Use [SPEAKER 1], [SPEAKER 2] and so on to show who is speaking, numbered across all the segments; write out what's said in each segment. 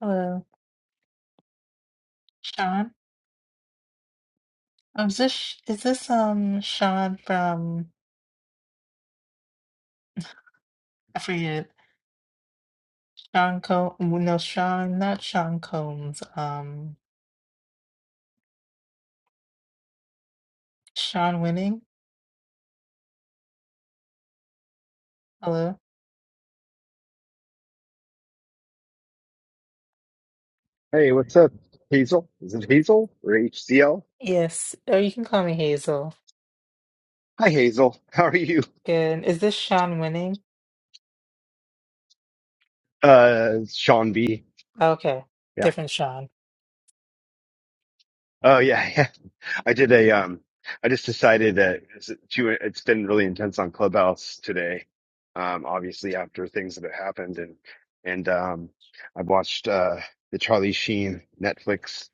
[SPEAKER 1] Hello, Sean. Um, is this is this um Sean from I forget Sean Co no Sean not Sean Combs um Sean Winning. Hello.
[SPEAKER 2] Hey, what's up, Hazel? Is it Hazel or HCL?
[SPEAKER 1] Yes, or you can call me Hazel.
[SPEAKER 2] Hi, Hazel. How are you?
[SPEAKER 1] Good. Is this Sean Winning?
[SPEAKER 2] Uh, Sean B.
[SPEAKER 1] Okay,
[SPEAKER 2] Yeah.
[SPEAKER 1] different Sean.
[SPEAKER 2] Oh, yeah. Yeah. I did a, um, I just decided that it's, too, it's been really intense on Clubhouse today. Um, obviously after things that have happened and, and, um, I've watched, uh, the Charlie Sheen Netflix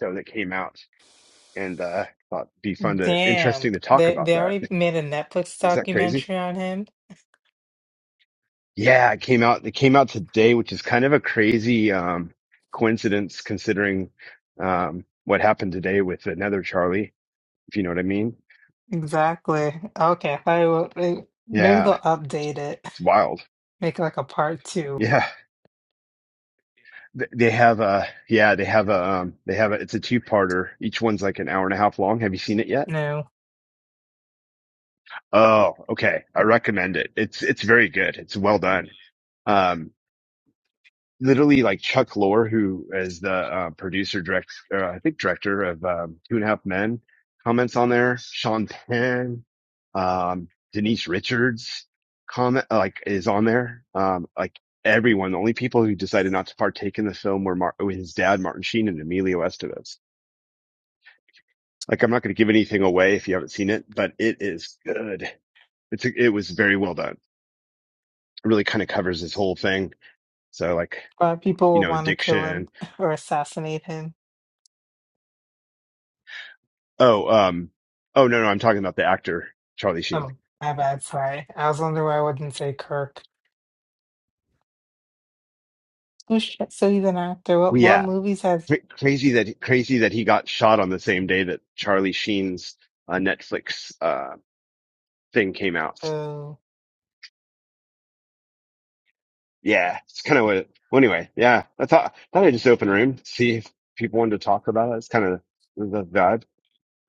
[SPEAKER 2] show that came out and, uh, thought it'd be fun to,
[SPEAKER 1] Damn,
[SPEAKER 2] interesting to talk
[SPEAKER 1] they
[SPEAKER 2] about
[SPEAKER 1] they
[SPEAKER 2] that.
[SPEAKER 1] already made a Netflix
[SPEAKER 2] Is that crazy?
[SPEAKER 1] documentary on him.
[SPEAKER 2] Yeah, it came out. It came out today, which is kind of a crazy um, coincidence considering um, what happened today with another Charlie. If you know what I mean.
[SPEAKER 1] Exactly. Okay, I will. eh, Maybe
[SPEAKER 2] Yeah,
[SPEAKER 1] they'll update it,
[SPEAKER 2] it's wild.
[SPEAKER 1] make like a part two.
[SPEAKER 2] Yeah, Th- they have a. Yeah, they have a. Um, they have a. It's a two-parter. Each one's like an hour and a half long. Have you seen it yet?
[SPEAKER 1] No.
[SPEAKER 2] Oh, okay. I recommend it. It's it's very good. It's well done. Um, literally like Chuck Lorre, who is the uh, producer, direct, uh, I think director of um, Two and a Half Men, comments on there. Sean Penn, um, Denise Richards, comment like is on there. Um, like everyone, the only people who decided not to partake in the film were Mar- oh, his dad, Martin Sheen, and Emilio Estevez. Like I'm not going to give anything away if you haven't seen it, but it is good. It's it was very well done. It really kind of covers this whole thing. So like
[SPEAKER 1] Why people
[SPEAKER 2] you
[SPEAKER 1] would
[SPEAKER 2] know
[SPEAKER 1] want to kill
[SPEAKER 2] addiction
[SPEAKER 1] him or assassinate him.
[SPEAKER 2] Oh, um, oh no, no, I'm talking about the actor Charlie Sheen.
[SPEAKER 1] Oh, my bad. Sorry. I was wondering why I wouldn't say Kirk. Oh, shit. So he's an actor. What,
[SPEAKER 2] Well,
[SPEAKER 1] what
[SPEAKER 2] yeah,
[SPEAKER 1] movies has.
[SPEAKER 2] Cra crazy that crazy that he got shot on the same day that Charlie Sheen's uh, Netflix uh thing came out.
[SPEAKER 1] Oh,
[SPEAKER 2] Yeah, it's kind of what. Well, anyway, yeah, I thought thought I'd just open a room, see if people wanted to talk about it. It's kind of the vibe.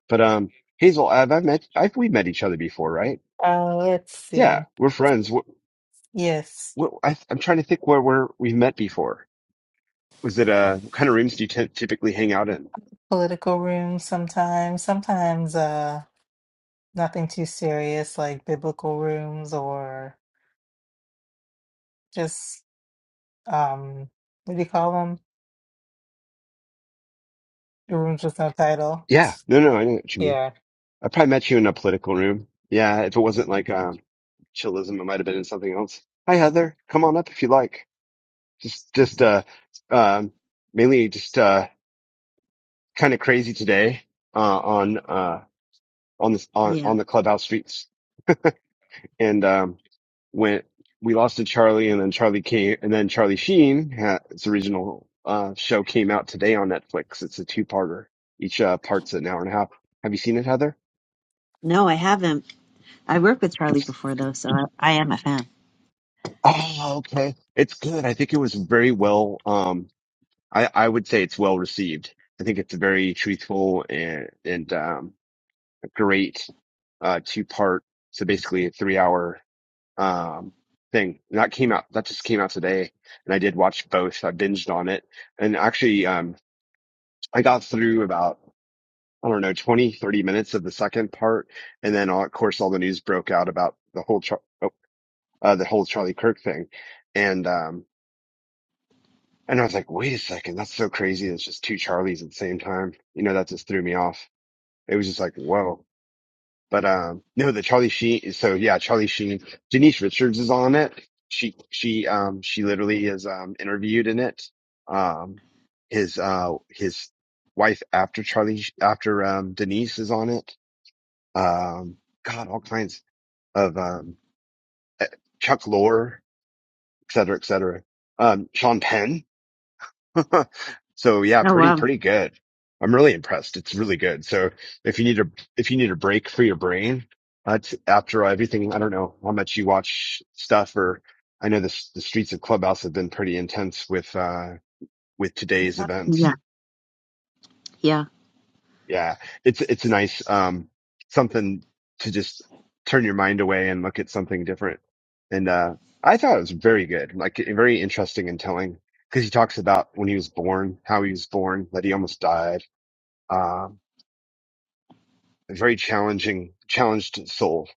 [SPEAKER 2] But um, Hazel, I've, I've met, I've we met each other before, right?
[SPEAKER 1] uh, let's
[SPEAKER 2] Yeah,
[SPEAKER 1] see.
[SPEAKER 2] we're friends. What,
[SPEAKER 1] Yes.
[SPEAKER 2] what I, I'm trying to think where where we've met before. Was it uh, what kind of rooms do you t- typically hang out in?
[SPEAKER 1] Political rooms sometimes. Sometimes uh, nothing too serious like biblical rooms or just, um, what do you call them? Rooms with no title.
[SPEAKER 2] Yeah. No, no, I know what you mean.
[SPEAKER 1] Yeah.
[SPEAKER 2] I probably met you in a political room. Yeah, if it wasn't like um chillism, it might have been in something else. Hi Heather, come on up if you like. Just just uh um mainly just uh kind of crazy today uh on uh on this on
[SPEAKER 3] Yeah.
[SPEAKER 2] on the clubhouse streets and um when we lost to Charlie and then Charlie came and then Charlie Sheen ha its original uh show came out today on Netflix. It's a two-parter. Each uh part's an hour and a half. Have you seen it, Heather?
[SPEAKER 3] No, I haven't. I worked with Charlie before though, so I, I am a fan.
[SPEAKER 2] Oh, okay. It's good. I think it was very well. Um, I I would say it's well received. I think it's a very truthful and and um great uh two part. So basically a three hour um thing And that came out. That just came out today, and I did watch both. I binged on it, and actually um I got through about I don't know 20 30 minutes of the second part, and then all, of course all the news broke out about the whole Char- oh, uh, the whole Charlie Kirk thing, and um. And I was like, wait a second, that's so crazy. It's just two Charlies at the same time. You know, that just threw me off. It was just like, whoa. But um, no, the Charlie Sheen. So yeah, Charlie Sheen. Denise Richards is on it. She she um she literally is um interviewed in it. Um, his uh his wife after Charlie after um Denise is on it. Um, God, all kinds of um eh, Chuck Lorre, et cetera, et cetera. Um, Sean Penn. so yeah,
[SPEAKER 3] Oh
[SPEAKER 2] pretty
[SPEAKER 3] wow.
[SPEAKER 2] pretty good. I'm really impressed. It's really good. So if you need a if you need a break for your brain, that's after everything. I don't know how much you watch stuff, or I know this the streets of Clubhouse have been pretty intense with uh with today's
[SPEAKER 3] Yeah. Yeah.
[SPEAKER 2] events.
[SPEAKER 3] Yeah.
[SPEAKER 2] Yeah, it's it's a nice um something to just turn your mind away and look at something different. And uh I thought it was very good, like very interesting and telling because he talks about when he was born, how he was born, that he almost died Um, a very challenging, challenged soul.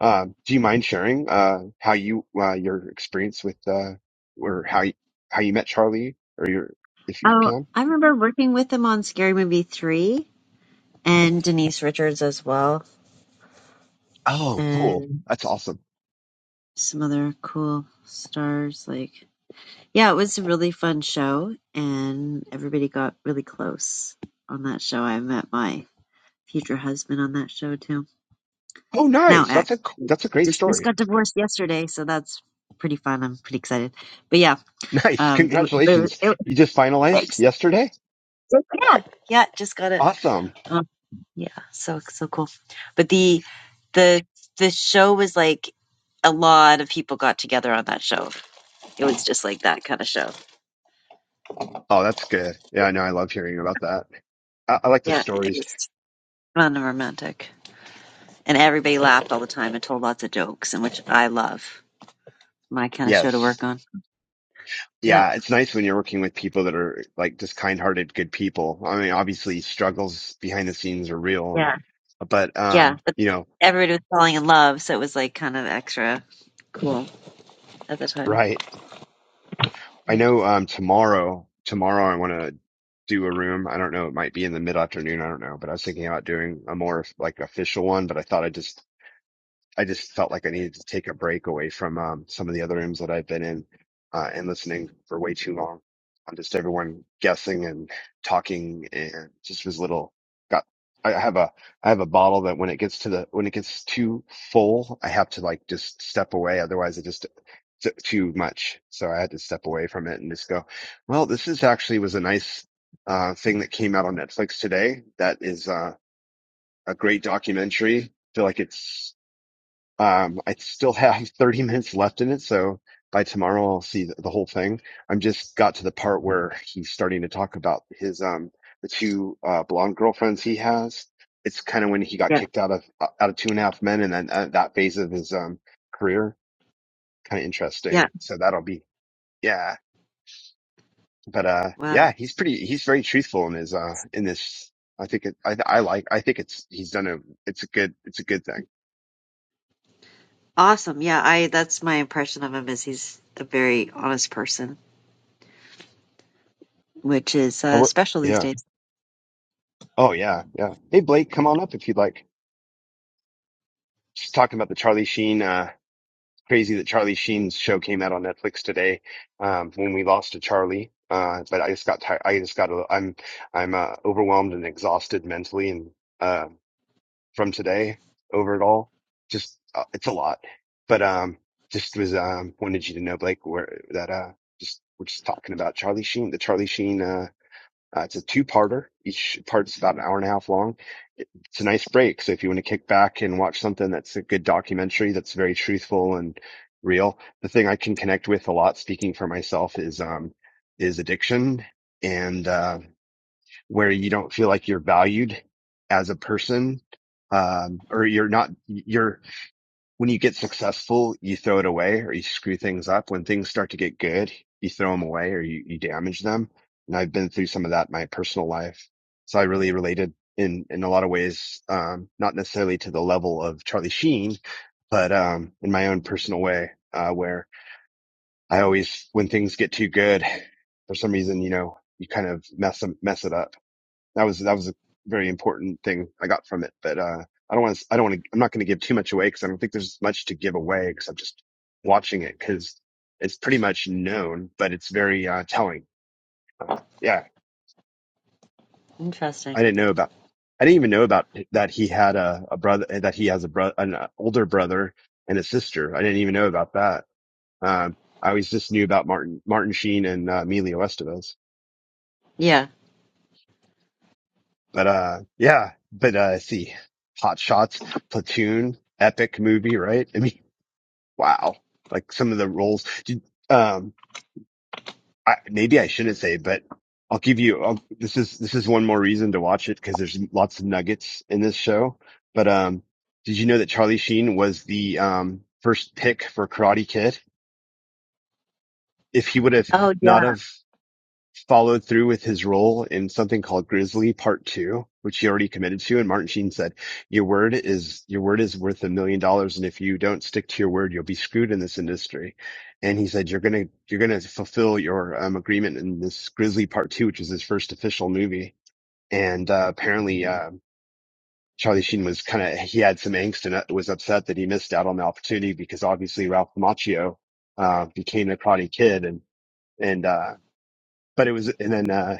[SPEAKER 2] Um, do you mind sharing uh, how you uh, your experience with uh, or how you, how you met Charlie or your if you
[SPEAKER 3] Oh,
[SPEAKER 2] can?
[SPEAKER 3] I remember working with him on Scary Movie 3 and Denise Richards as well
[SPEAKER 2] Oh, cool.
[SPEAKER 3] and
[SPEAKER 2] That's awesome.
[SPEAKER 3] some other cool stars like Yeah, it was a really fun show and everybody got really close on that show. I met my future husband on that show too.
[SPEAKER 2] Oh,
[SPEAKER 3] Now
[SPEAKER 2] nice. That's
[SPEAKER 3] ex.
[SPEAKER 2] a that's a great
[SPEAKER 3] Just just
[SPEAKER 2] story.
[SPEAKER 3] got divorced yesterday, so that's pretty fun. I'm pretty excited. but yeah.
[SPEAKER 2] Nice.
[SPEAKER 3] Um, it, wa- but it,
[SPEAKER 2] Congratulations.
[SPEAKER 3] it,
[SPEAKER 2] You just finalized
[SPEAKER 3] thanks.
[SPEAKER 2] yesterday.
[SPEAKER 3] Yeah, yeah, just got it.
[SPEAKER 2] Awesome.
[SPEAKER 3] Um, yeah, so so cool. But the the the show was like a lot of people got together on that show. It was just like that kind of show.
[SPEAKER 2] Oh, that's good. Yeah, I know. I love hearing about that. I, I like the
[SPEAKER 3] Yeah, it
[SPEAKER 2] stories.
[SPEAKER 3] was fun and romantic, and everybody laughed all the time and told lots of jokes, and which I love. My kind of show to
[SPEAKER 2] Yes.
[SPEAKER 3] work on. Yep.
[SPEAKER 2] Yeah, it's nice when you're working with people that are like just kind-hearted, good people. I mean, obviously struggles behind the scenes are real, and,
[SPEAKER 3] Yeah.
[SPEAKER 2] but
[SPEAKER 3] Yeah.
[SPEAKER 2] um,
[SPEAKER 3] But
[SPEAKER 2] you know,
[SPEAKER 3] everybody was falling in love, so it was like kind of extra cool at the time.
[SPEAKER 2] right. I
[SPEAKER 3] Yeah.
[SPEAKER 2] know um tomorrow, tomorrow I want to do a room. I don't know, it might be in the mid-afternoon, I don't know, but I was thinking about doing a more like official one, but I thought I'd just I just felt like I needed to take a break away from um, some of the other rooms that I've been in uh, and listening for way too long on just everyone guessing and talking and just was little got I have a I have a bottle that when it gets to the when it gets too full I have to like just step away otherwise it just it's too much so I had to step away from it and just go well this is actually was a nice uh thing that came out on Netflix today that is uh a great documentary feel like it's um, I still have 30 minutes left in it, so by tomorrow I'll see the, the whole thing. I'm just got to the part where he's starting to talk about his um the two uh blonde girlfriends he has. It's kind of when he got
[SPEAKER 3] Yeah.
[SPEAKER 2] kicked out of uh, out of Two and a Half Men, and then uh, that phase of his um career, kind of interesting.
[SPEAKER 3] Yeah.
[SPEAKER 2] So that'll be yeah. But uh, yeah, he's pretty. He's very truthful in his uh in this. I think it. I I like. I think it's. He's done a. It's a good. It's a good thing.
[SPEAKER 3] Awesome. Yeah, I that's my impression of him is he's a very honest person, which is
[SPEAKER 2] I
[SPEAKER 3] uh,
[SPEAKER 2] work.
[SPEAKER 3] special these
[SPEAKER 2] Yeah.
[SPEAKER 3] days.
[SPEAKER 2] Oh yeah, yeah. Hey Blake, come on up if you'd like. Just talking about the Charlie Sheen. Uh, crazy that Charlie Sheen's show came out on Netflix today. Um, when we lost to Charlie, uh, but I just got tired. I just got. A, I'm I'm uh, overwhelmed and exhausted mentally, and uh, from today over it all, just uh, it's a lot. But um, just was um wanted you to know, Blake, where that uh, just we're just talking about Charlie Sheen, the Charlie Sheen. uh, Uh, it's a two-parter. Each part's about an hour and a half long. It's a nice break. So if you want to kick back and watch something that's a good documentary that's very truthful and real, the thing I can connect with a lot, speaking for myself, is um is addiction and uh, where you don't feel like you're valued as a person, um, or you're not you're when you get successful, you throw it away or you screw things up. When things start to get good, you throw them away or you, you damage them. And I've been through some of that in my personal life. So I really related in, in a lot of ways, um, not necessarily to the level of Charlie Sheen, but, um, in my own personal way, uh, where I always, when things get too good, for some reason, you know, you kind of mess them, mess it up that was that was a very important thing I got from it. But uh, I don't want to. I don't want to. I'm not going to give too much away because I don't think there's much to give away except just watching it because it's pretty much known, but it's very uh, telling. Uh, yeah,
[SPEAKER 3] Interesting.
[SPEAKER 2] I didn't know about. I didn't even know about that he had a, a brother eh, that he has a brother an uh, older brother and a sister. I didn't even know about that. Um, I always just knew about Martin Martin Sheen and uh, Emilio Estevez.
[SPEAKER 3] Yeah.
[SPEAKER 2] But uh yeah, but uh let's see Hot Shots, Platoon, epic movie, right? I mean, wow. Like some of the roles did, um I maybe I shouldn't say, but I'll give you I'll, this is this is one more reason to watch it because there's lots of nuggets in this show. But um did you know that Charlie Sheen was the um first pick for Karate Kid? If he would have
[SPEAKER 3] Oh yeah.
[SPEAKER 2] not have followed through with his role in something called Grizzly Part Two, which he already committed to. And Martin Sheen said, "Your word is your word is worth a million dollars, and if you don't stick to your word, you'll be screwed in this industry." And he said, "You're gonna you're gonna fulfill your um, agreement in this Grizzly Part Two, which is his first official movie." And uh, apparently. Uh, Charlie Sheen was kind of, he had some angst and uh, was upset that he missed out on the opportunity because obviously Ralph Macchio, uh, became the Karate Kid and, and, uh, but it was, and then, uh,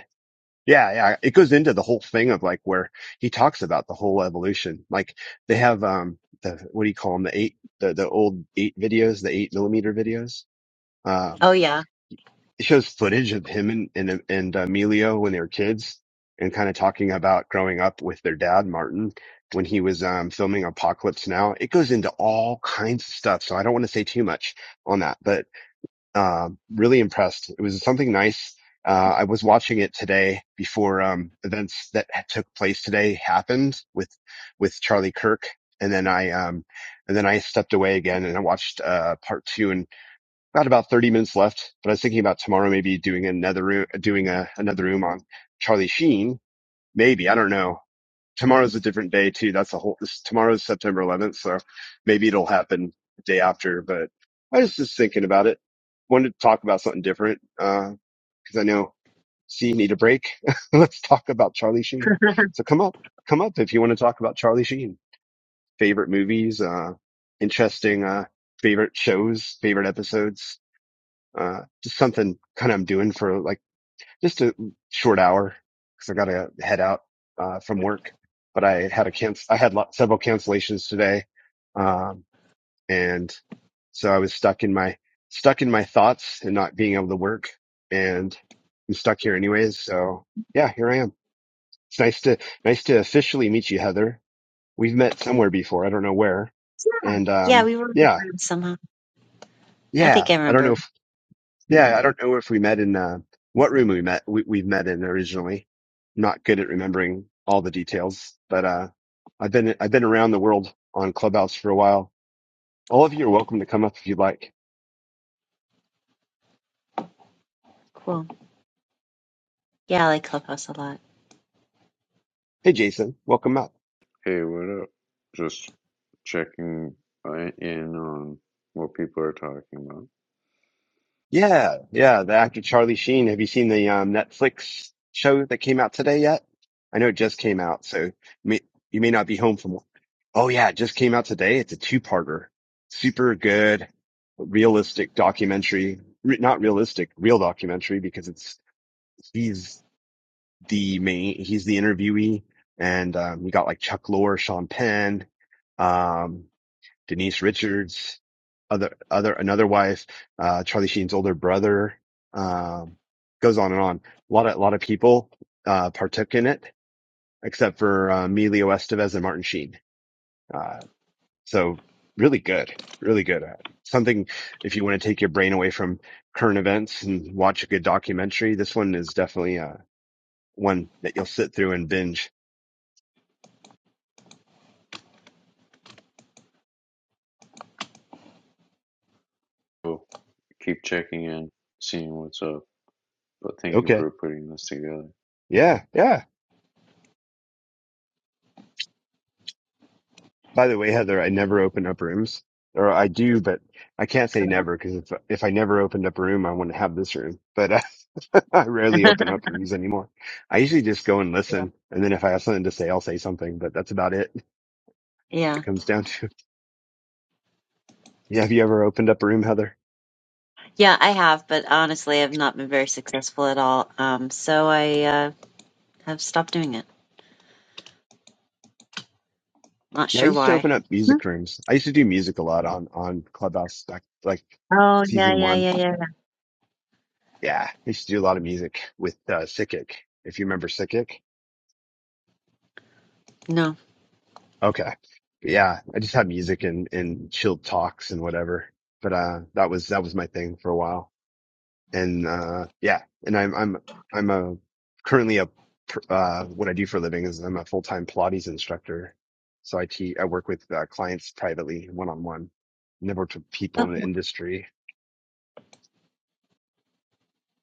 [SPEAKER 2] yeah, yeah. It goes into the whole thing of like where he talks about the whole evolution. Like they have um the what do you call them? The eight the the old eight videos, the eight millimeter videos. Um,
[SPEAKER 3] Oh yeah.
[SPEAKER 2] it shows footage of him and and, and Emilio when they were kids, and kind of talking about growing up with their dad Martin when he was um filming Apocalypse Now. It goes into all kinds of stuff, so I don't want to say too much on that. But um, really impressed. It was something nice. Uh, I was watching it today before um, events that had took place today happened with with Charlie Kirk, and then I um, and then I stepped away again and I watched uh, part two and got about thirty minutes left. But I was thinking about tomorrow maybe doing another room, doing a, another room on Charlie Sheen. Maybe I don't know tomorrow's a different day too. That's a whole. This, tomorrow's September 11th, so maybe it'll happen the day after. But I was just thinking about it. Wanted to talk about something different because I know C need a break. Let's talk about Charlie Sheen. So come up, come up if you want to talk about Charlie Sheen. Favorite movies, uh, interesting uh, favorite shows, favorite episodes. Uh, just something kind of I'm doing for like just a short hour because I got to head out uh, from work. But I had a cancel, I had lot- several cancellations today, um, and so I was stuck in my stuck in my thoughts and not being able to work. And I'm stuck here anyways. So yeah, here I am. It's nice to nice to officially meet you, Heather. We've met somewhere before. I don't know where. And
[SPEAKER 3] Yeah,
[SPEAKER 2] um,
[SPEAKER 3] we were big
[SPEAKER 2] yeah,
[SPEAKER 3] friends somehow. I
[SPEAKER 2] yeah.
[SPEAKER 3] think I
[SPEAKER 2] I don't know.
[SPEAKER 3] remember.
[SPEAKER 2] if Yeah, I don't know if we met in uh, what room we met. We, we've met in originally. I'm not good at remembering all the details, but uh, I've been I've been around the world on Clubhouse for a while. All of you are welcome to come up if you'd like.
[SPEAKER 3] Cool. Yeah, I like Clubhouse a lot.
[SPEAKER 2] Hey, Jason, welcome up.
[SPEAKER 4] Hey, what up? Just checking uh, in on what people are talking about.
[SPEAKER 2] Yeah, yeah, the actor Charlie Sheen. Have you seen the um, Netflix show that came out today yet? I know it just came out, so may, you may not be home from. Oh yeah, it just came out today. It's a two-parter. Super good, realistic documentary. Re- not realistic, real documentary because it's he's the main, he's the interviewee, and um, you got like Chuck Lorre, Sean Penn. Um, Denise Richards, other other another wife, uh, Charlie Sheen's older brother. Um, goes on and on. A lot of a lot of people uh, partook in it, except for uh, me, Leo Estevez and Martin Sheen. Uh, so really good, really good. Uh, something if you want to take your brain away from current events and watch a good documentary, this one is definitely uh, one that you'll sit through and binge.
[SPEAKER 4] We'll keep checking in, seeing what's up. But thank you
[SPEAKER 2] Okay,
[SPEAKER 4] for putting this together.
[SPEAKER 2] yeah, yeah. By the way, Heather, I never open up rooms, or I do, but I can't say never because if if I never opened up a room, I wouldn't have this room. But uh, I rarely open up rooms anymore. I usually just go and listen, and then if I have something to say, I'll say something. But that's about it. when It
[SPEAKER 3] Yeah.
[SPEAKER 2] comes down to. Yeah, have you ever opened up a room, Heather?
[SPEAKER 3] Yeah, I have, but honestly I've not been very successful at all. Um so I uh have stopped doing it. Not
[SPEAKER 2] Yeah, I
[SPEAKER 3] sure
[SPEAKER 2] used to
[SPEAKER 3] why.
[SPEAKER 2] open up
[SPEAKER 3] Hmm.
[SPEAKER 2] music rooms. I used to do music a lot on on Clubhouse back like
[SPEAKER 3] Oh yeah,
[SPEAKER 2] season
[SPEAKER 3] yeah,
[SPEAKER 2] one.
[SPEAKER 3] yeah, yeah.
[SPEAKER 2] Yeah, I used to do a lot of music with uh, Sikik. If you remember Sikik.
[SPEAKER 3] No.
[SPEAKER 2] Okay. Yeah. I just have music and, and chilled talks and whatever. But, uh, that was, that was my thing for a while. And, uh, yeah. And I'm, I'm, I'm a currently a, pr- uh, what I do for a living is I'm a full-time Pilates instructor. So I teach, I work with uh, clients privately one on one, never worked with people
[SPEAKER 3] Oh,
[SPEAKER 2] in the industry.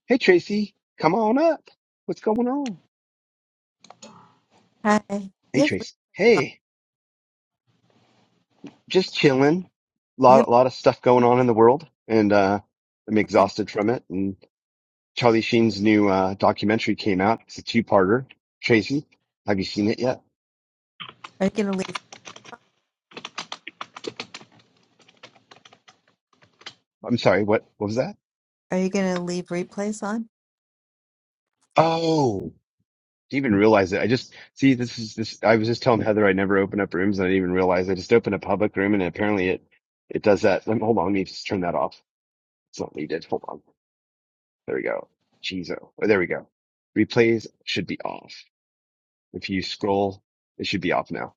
[SPEAKER 2] Hey, Tracy, come on up. What's going on?
[SPEAKER 5] Hi. You
[SPEAKER 2] Hey,
[SPEAKER 5] have replays
[SPEAKER 2] Tracy.
[SPEAKER 5] on.
[SPEAKER 2] Hey, just chilling.
[SPEAKER 5] You
[SPEAKER 2] lot, lot of stuff going on in the world and, uh, I'm
[SPEAKER 5] have,
[SPEAKER 2] exhausted from it Charlie Sheen's new uh, documentary came out. It's a two-parter. Tracy, have you seen it yet?
[SPEAKER 5] are you gonna leave?
[SPEAKER 2] I'm sorry. What, what was that?
[SPEAKER 5] Are you gonna leave replays on?
[SPEAKER 2] Oh, didn't even realize it. I just see this is this. I was just telling Heather I never open up rooms, and I didn't even realize I just opened a public room, and apparently it it does that. Let me- Hold on, let me just turn that off. It's not needed. Hold on. There we go. Cheezo. Oh, oh, there we go. Replays should be off. If you scroll, it should be off now.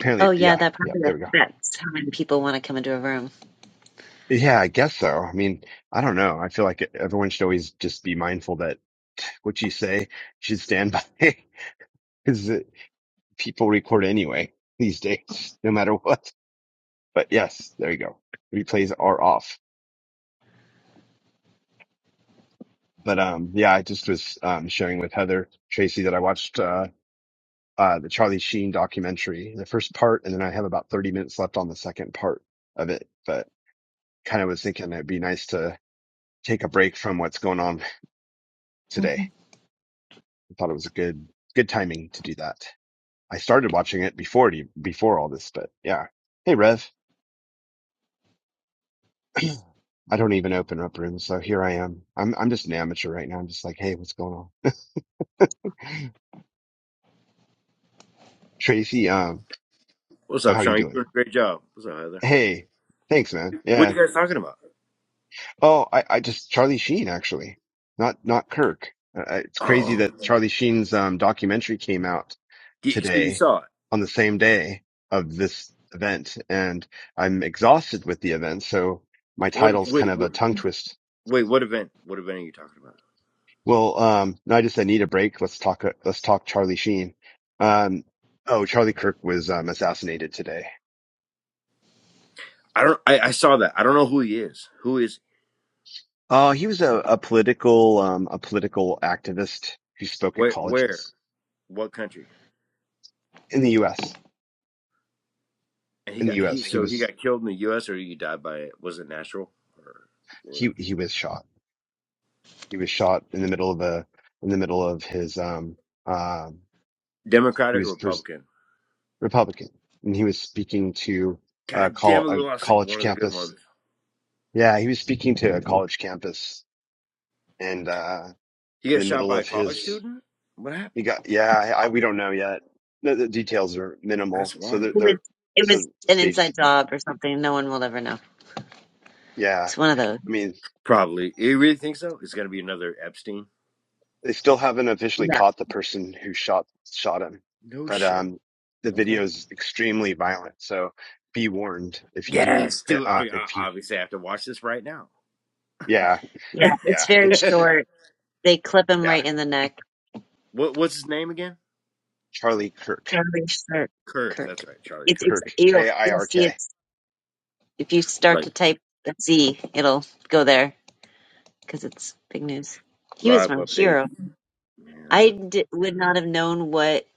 [SPEAKER 2] Apparently,
[SPEAKER 3] oh yeah,
[SPEAKER 2] yeah,
[SPEAKER 3] that
[SPEAKER 2] yeah.
[SPEAKER 3] probably
[SPEAKER 2] There we go.
[SPEAKER 3] affects how many people want to come into a room.
[SPEAKER 2] Yeah, I guess so. I mean, I don't know. I feel like everyone should always just be mindful that what you say you should stand by because people record anyway these days, no matter what. But yes, there you go. Replays are off. But um, yeah, I just was um sharing with Heather Tracy that I watched uh uh the Charlie Sheen documentary, the first part, and then I have about 30 minutes left on the second part of it. But kind of was thinking it'd be nice to take a break from what's going on today
[SPEAKER 5] hmm
[SPEAKER 2] I thought it was a good good timing to do that. I started watching it before e- before all this, but yeah. Hey Rev, I don't even open up rooms, so here I am. I'm I'm just an amateur right now. I'm just like, hey, what's going on, Tracy? Um,
[SPEAKER 6] What's
[SPEAKER 2] how
[SPEAKER 6] up,
[SPEAKER 2] are you
[SPEAKER 6] Sean? You're doing
[SPEAKER 2] doing?
[SPEAKER 6] a great job. What's up, Heather?
[SPEAKER 2] Hey, thanks, man.
[SPEAKER 6] What are
[SPEAKER 2] Yeah.
[SPEAKER 6] you guys talking about?
[SPEAKER 2] Oh, I I just Charlie Sheen actually, not not Kirk. Uh, it's crazy
[SPEAKER 6] Oh,
[SPEAKER 2] that Charlie Sheen's um documentary came out
[SPEAKER 6] y- so you
[SPEAKER 2] today
[SPEAKER 6] saw it?
[SPEAKER 2] on the same day of this event and I'm exhausted with the event. So my
[SPEAKER 6] What?
[SPEAKER 2] title's kind
[SPEAKER 6] Wait,
[SPEAKER 2] of a
[SPEAKER 6] what,
[SPEAKER 2] tongue twist.
[SPEAKER 6] wait. What event? What event are you talking about?
[SPEAKER 2] Well, um, no, I just, I need a break. Let's talk, uh, let's talk Charlie Sheen. Um, oh, Charlie Kirk was, um, assassinated today.
[SPEAKER 6] I don't. I, I saw that. I don't know who he is. Who is?
[SPEAKER 2] Uh, he was a, a political, um, a political activist who spoke at
[SPEAKER 6] Where? Where?
[SPEAKER 2] colleges
[SPEAKER 6] What country?
[SPEAKER 2] in the U.S.
[SPEAKER 6] And he
[SPEAKER 2] In the
[SPEAKER 6] got
[SPEAKER 2] U.S.
[SPEAKER 6] he.
[SPEAKER 2] He
[SPEAKER 6] So he
[SPEAKER 2] was,
[SPEAKER 6] got killed in the U.S. or he died by was it natural or, or
[SPEAKER 2] he, he was shot. He was shot in the middle of a, in the middle of his, um, um, he
[SPEAKER 6] Democratic or
[SPEAKER 2] was pres-
[SPEAKER 6] Republican?
[SPEAKER 2] Republican, and he was speaking to a,
[SPEAKER 6] God damn
[SPEAKER 2] col-
[SPEAKER 6] it! We
[SPEAKER 2] a
[SPEAKER 6] lost like,
[SPEAKER 2] college
[SPEAKER 6] one of the good
[SPEAKER 2] campus.
[SPEAKER 6] ones.
[SPEAKER 2] Yeah, he was speaking to a college campus, and uh,
[SPEAKER 6] He
[SPEAKER 2] in
[SPEAKER 6] got
[SPEAKER 2] the
[SPEAKER 6] shot
[SPEAKER 2] middle
[SPEAKER 6] by a
[SPEAKER 2] of
[SPEAKER 6] college
[SPEAKER 2] his,
[SPEAKER 6] student. What happened?
[SPEAKER 2] he got. Yeah, I, I, we don't know yet. The, the details are
[SPEAKER 6] That's
[SPEAKER 2] minimal, so
[SPEAKER 6] wild.
[SPEAKER 2] the,
[SPEAKER 3] It
[SPEAKER 2] the
[SPEAKER 3] was it
[SPEAKER 2] so
[SPEAKER 3] was
[SPEAKER 2] the
[SPEAKER 3] an
[SPEAKER 2] stage is.
[SPEAKER 3] inside job or something. No one will ever know.
[SPEAKER 2] Yeah,
[SPEAKER 3] It's one of those.
[SPEAKER 2] I mean,
[SPEAKER 6] Probably. You really think so? It's gonna be another Epstein.
[SPEAKER 2] they still haven't officially
[SPEAKER 3] Yeah,
[SPEAKER 2] caught the person who shot shot him,
[SPEAKER 6] No
[SPEAKER 2] but
[SPEAKER 6] shit.
[SPEAKER 2] um, the
[SPEAKER 6] Okay.
[SPEAKER 2] video is extremely violent. So be warned if you do.
[SPEAKER 6] Yes, dude. I,
[SPEAKER 2] Uh, if
[SPEAKER 6] I
[SPEAKER 2] you,
[SPEAKER 6] obviously have to watch this right now.
[SPEAKER 2] yeah,
[SPEAKER 3] yeah.
[SPEAKER 2] yeah,
[SPEAKER 3] It's very
[SPEAKER 2] it's
[SPEAKER 3] short. They clip him
[SPEAKER 2] yeah,
[SPEAKER 3] right in the neck.
[SPEAKER 6] what what's his name again?
[SPEAKER 2] Charlie Kirk.
[SPEAKER 3] Charlie Kirk.
[SPEAKER 6] Kirk.
[SPEAKER 3] Kirk.
[SPEAKER 6] That's right, Charlie
[SPEAKER 3] It's
[SPEAKER 6] Kirk.
[SPEAKER 3] it's
[SPEAKER 2] Kirk,
[SPEAKER 3] you'll
[SPEAKER 2] K I
[SPEAKER 3] you'll
[SPEAKER 2] R
[SPEAKER 3] see
[SPEAKER 2] K.
[SPEAKER 3] it's if you start to
[SPEAKER 6] Like
[SPEAKER 3] type the Z, it'll go there because it's big news. He was
[SPEAKER 6] live
[SPEAKER 3] my
[SPEAKER 6] update.
[SPEAKER 3] hero. I
[SPEAKER 6] Man.
[SPEAKER 3] d- would not have known what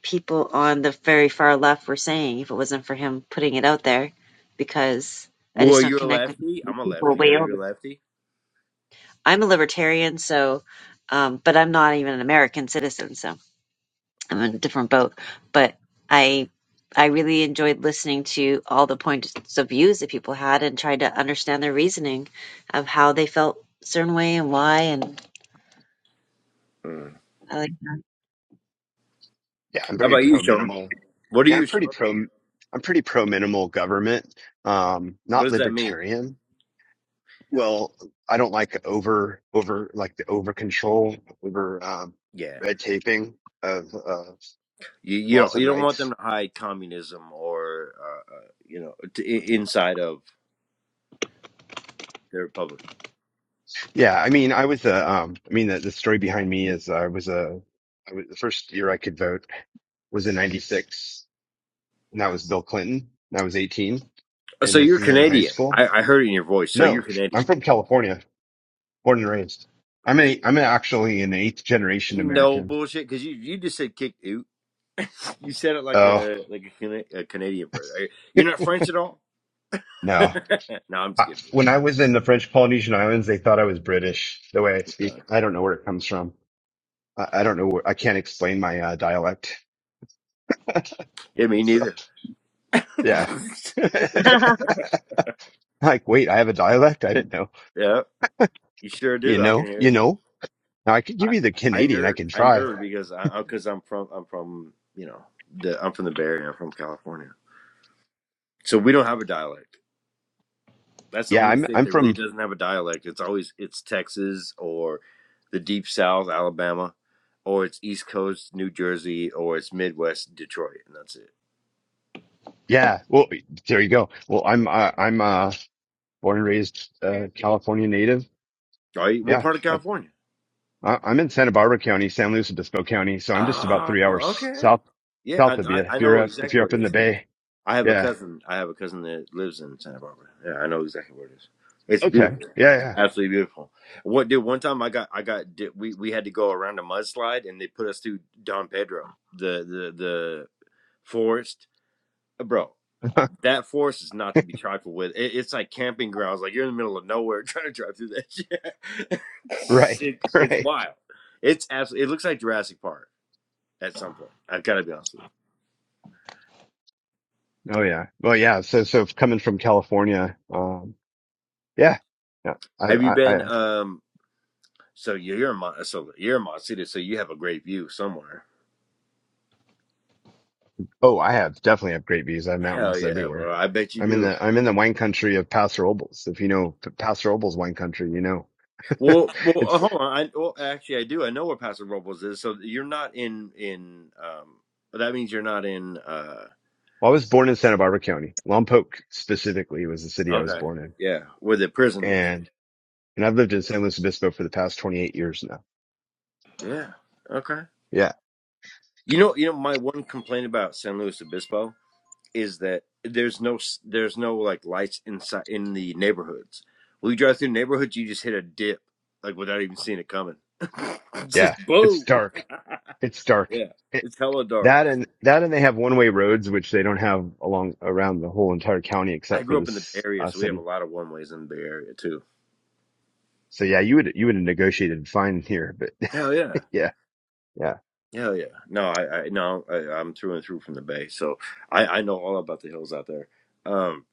[SPEAKER 3] people on the very far left were saying if it wasn't for him putting it out there, because I
[SPEAKER 6] Well,
[SPEAKER 3] just don't
[SPEAKER 6] you're a
[SPEAKER 3] connect with
[SPEAKER 6] lefty. I'm a
[SPEAKER 3] people
[SPEAKER 6] lefty. Are
[SPEAKER 3] way over.
[SPEAKER 6] you a lefty?
[SPEAKER 3] I'm a libertarian, so, um, but I'm not even an American citizen, so I'm in a different boat. But I, I really enjoyed listening to all the points of views that people had and tried to understand their reasoning of how they felt a certain way and why. And
[SPEAKER 6] Mm.
[SPEAKER 3] I like
[SPEAKER 2] Yeah, I'm
[SPEAKER 6] How
[SPEAKER 2] very
[SPEAKER 6] about you,
[SPEAKER 2] pro
[SPEAKER 6] Sean?
[SPEAKER 2] minimal.
[SPEAKER 6] What are
[SPEAKER 2] Yeah, I'm
[SPEAKER 6] you, Sean?
[SPEAKER 2] pretty pro. I'm pretty pro minimal government. Um,
[SPEAKER 6] What
[SPEAKER 2] not
[SPEAKER 6] does that mean?
[SPEAKER 2] libertarian. Well, I don't like over over like the over control over um,
[SPEAKER 6] Yeah,
[SPEAKER 2] red taping of uh,
[SPEAKER 6] you you
[SPEAKER 2] laws
[SPEAKER 6] don't
[SPEAKER 2] and
[SPEAKER 6] you don't want
[SPEAKER 2] rights.
[SPEAKER 6] them to hide communism or uh, uh, you know t- i- inside of the republic.
[SPEAKER 2] Yeah, I mean, I was a. Um, I mean, the, the story behind me is I was a. I was the first year I could vote was in '96, and that was Bill Clinton. And I was 18,
[SPEAKER 6] So
[SPEAKER 2] and a
[SPEAKER 6] you're
[SPEAKER 2] senior in high
[SPEAKER 6] Canadian.
[SPEAKER 2] school.
[SPEAKER 6] I, I heard it in your voice. So you're
[SPEAKER 2] No, I'm
[SPEAKER 6] Canadian.
[SPEAKER 2] from California. born and raised. I'm a I'm actually an eighth generation
[SPEAKER 6] No
[SPEAKER 2] American.
[SPEAKER 6] bullshit, because you you just said kick. You said it like
[SPEAKER 2] Oh
[SPEAKER 6] a like a, Cana- a Canadian person. Are- You're not French at all. no,
[SPEAKER 2] no.
[SPEAKER 6] I'm just
[SPEAKER 2] I,
[SPEAKER 6] kidding.
[SPEAKER 2] when I
[SPEAKER 6] everyone.
[SPEAKER 2] was in the French Polynesian Islands, they thought I was British. The way I
[SPEAKER 6] I'm sorry.
[SPEAKER 2] speak, I don't know where it comes from. I, I don't know. Where, I can't explain my uh, dialect.
[SPEAKER 6] Yeah, me
[SPEAKER 2] So
[SPEAKER 6] neither.
[SPEAKER 2] yeah, like wait, I have a dialect. I didn't know.
[SPEAKER 6] yeah, you sure
[SPEAKER 2] You
[SPEAKER 6] do. I can
[SPEAKER 2] know,
[SPEAKER 6] hear
[SPEAKER 2] you
[SPEAKER 6] it.
[SPEAKER 2] know. Now I could give
[SPEAKER 6] I
[SPEAKER 2] you the
[SPEAKER 6] I
[SPEAKER 2] Canadian. I
[SPEAKER 6] nerd
[SPEAKER 2] can
[SPEAKER 6] I
[SPEAKER 2] try.
[SPEAKER 6] nerd because I because I'm from I'm from you know the I'm from the Bay Area. I'm from California, so we don't have a dialect. That's the
[SPEAKER 2] Yeah,
[SPEAKER 6] only
[SPEAKER 2] I'm
[SPEAKER 6] state
[SPEAKER 2] I'm
[SPEAKER 6] that really
[SPEAKER 2] from.
[SPEAKER 6] doesn't have a dialect. It's always it's Texas or the Deep South, Alabama, or it's East Coast, New Jersey, or it's Midwest, Detroit, and that's it.
[SPEAKER 2] Yeah, well, there you go. Well, I'm uh, I'm uh born and raised uh, California native.
[SPEAKER 6] Are you, what
[SPEAKER 2] Yeah,
[SPEAKER 6] part of California?
[SPEAKER 2] I- I'm in Santa Barbara County, San Luis Obispo County, so I'm just about
[SPEAKER 6] Oh,
[SPEAKER 2] three hours
[SPEAKER 6] okay.
[SPEAKER 2] south
[SPEAKER 6] Yeah, I,
[SPEAKER 2] south of you.
[SPEAKER 6] I
[SPEAKER 2] If
[SPEAKER 6] I
[SPEAKER 2] you're
[SPEAKER 6] know
[SPEAKER 2] up, if
[SPEAKER 6] exactly
[SPEAKER 2] you're
[SPEAKER 6] what
[SPEAKER 2] up
[SPEAKER 6] it
[SPEAKER 2] in the
[SPEAKER 6] is.
[SPEAKER 2] Bay,
[SPEAKER 6] I have a
[SPEAKER 2] yeah,
[SPEAKER 6] cousin. I have a cousin that lives in Santa Barbara. Yeah, I know exactly where it is. It's
[SPEAKER 2] okay,
[SPEAKER 6] beautiful,
[SPEAKER 2] yeah,
[SPEAKER 6] absolutely beautiful. What dude? One time I got I got di- we we had to go around a mudslide and they put us through Don Pedro, the the the forest, Uh, bro.
[SPEAKER 2] yeah,
[SPEAKER 6] That forest is not to be trifled with. It, it's like camping grounds. Like you're in the middle of nowhere trying to drive through that shit.
[SPEAKER 2] right,
[SPEAKER 6] it's it's
[SPEAKER 2] right.
[SPEAKER 6] wild. It's absolutely. It looks like Jurassic Park. at some point. I've got to be honest with you.
[SPEAKER 2] Oh yeah, well yeah. So so coming from California, um, yeah, yeah. I
[SPEAKER 6] Have you
[SPEAKER 2] I, I
[SPEAKER 6] been? Um, so you're, you're in Mon- so you're in Montecito, so you have a great view somewhere.
[SPEAKER 2] oh I have definitely have great views. I have
[SPEAKER 6] Hell
[SPEAKER 2] mountains
[SPEAKER 6] yeah, bro!
[SPEAKER 2] everywhere.
[SPEAKER 6] I bet you
[SPEAKER 2] I'm in
[SPEAKER 6] do.
[SPEAKER 2] the I'm in the wine country of Paso Robles. If you know P- Paso Robles wine country, you know
[SPEAKER 6] Well, well, uh,
[SPEAKER 2] it's.
[SPEAKER 6] hold on. I, well, actually, I do. I know where Paso Robles is. So you're not in in. Um, but that means you're not in. Uh,
[SPEAKER 2] Well, I was born in Santa Barbara County, Lompoc specifically was the city I was
[SPEAKER 6] okay.
[SPEAKER 2] born
[SPEAKER 6] Yeah, where the
[SPEAKER 2] in,
[SPEAKER 6] prison is.
[SPEAKER 2] and and I've lived in San Luis Obispo for the past 28 years now.
[SPEAKER 6] Yeah. Okay.
[SPEAKER 2] Yeah.
[SPEAKER 6] You know, you know, my one complaint about San Luis Obispo is that there's no there's no like lights inside in the neighborhoods. When you drive through neighborhoods, you just hit a dip like without even seeing it coming.
[SPEAKER 2] Yeah.
[SPEAKER 6] just
[SPEAKER 2] It's
[SPEAKER 6] boom.
[SPEAKER 2] dark. It's dark.
[SPEAKER 6] yeah,
[SPEAKER 2] It,
[SPEAKER 6] it's hella dark.
[SPEAKER 2] that and that and they have one way roads, which they don't have along around the whole entire county
[SPEAKER 6] I
[SPEAKER 2] except for
[SPEAKER 6] grew up in the Bay
[SPEAKER 2] this
[SPEAKER 6] Area,
[SPEAKER 2] uh,
[SPEAKER 6] so we have a
[SPEAKER 2] city.
[SPEAKER 6] lot of one ways in the Bay Area too.
[SPEAKER 2] So yeah, you would, you would have negotiated fine here, but
[SPEAKER 6] Hell yeah.
[SPEAKER 2] yeah, yeah,
[SPEAKER 6] Hell yeah. No, I, I no, I, I'm through and through from the Bay, so I, I know all about the hills out there. Um,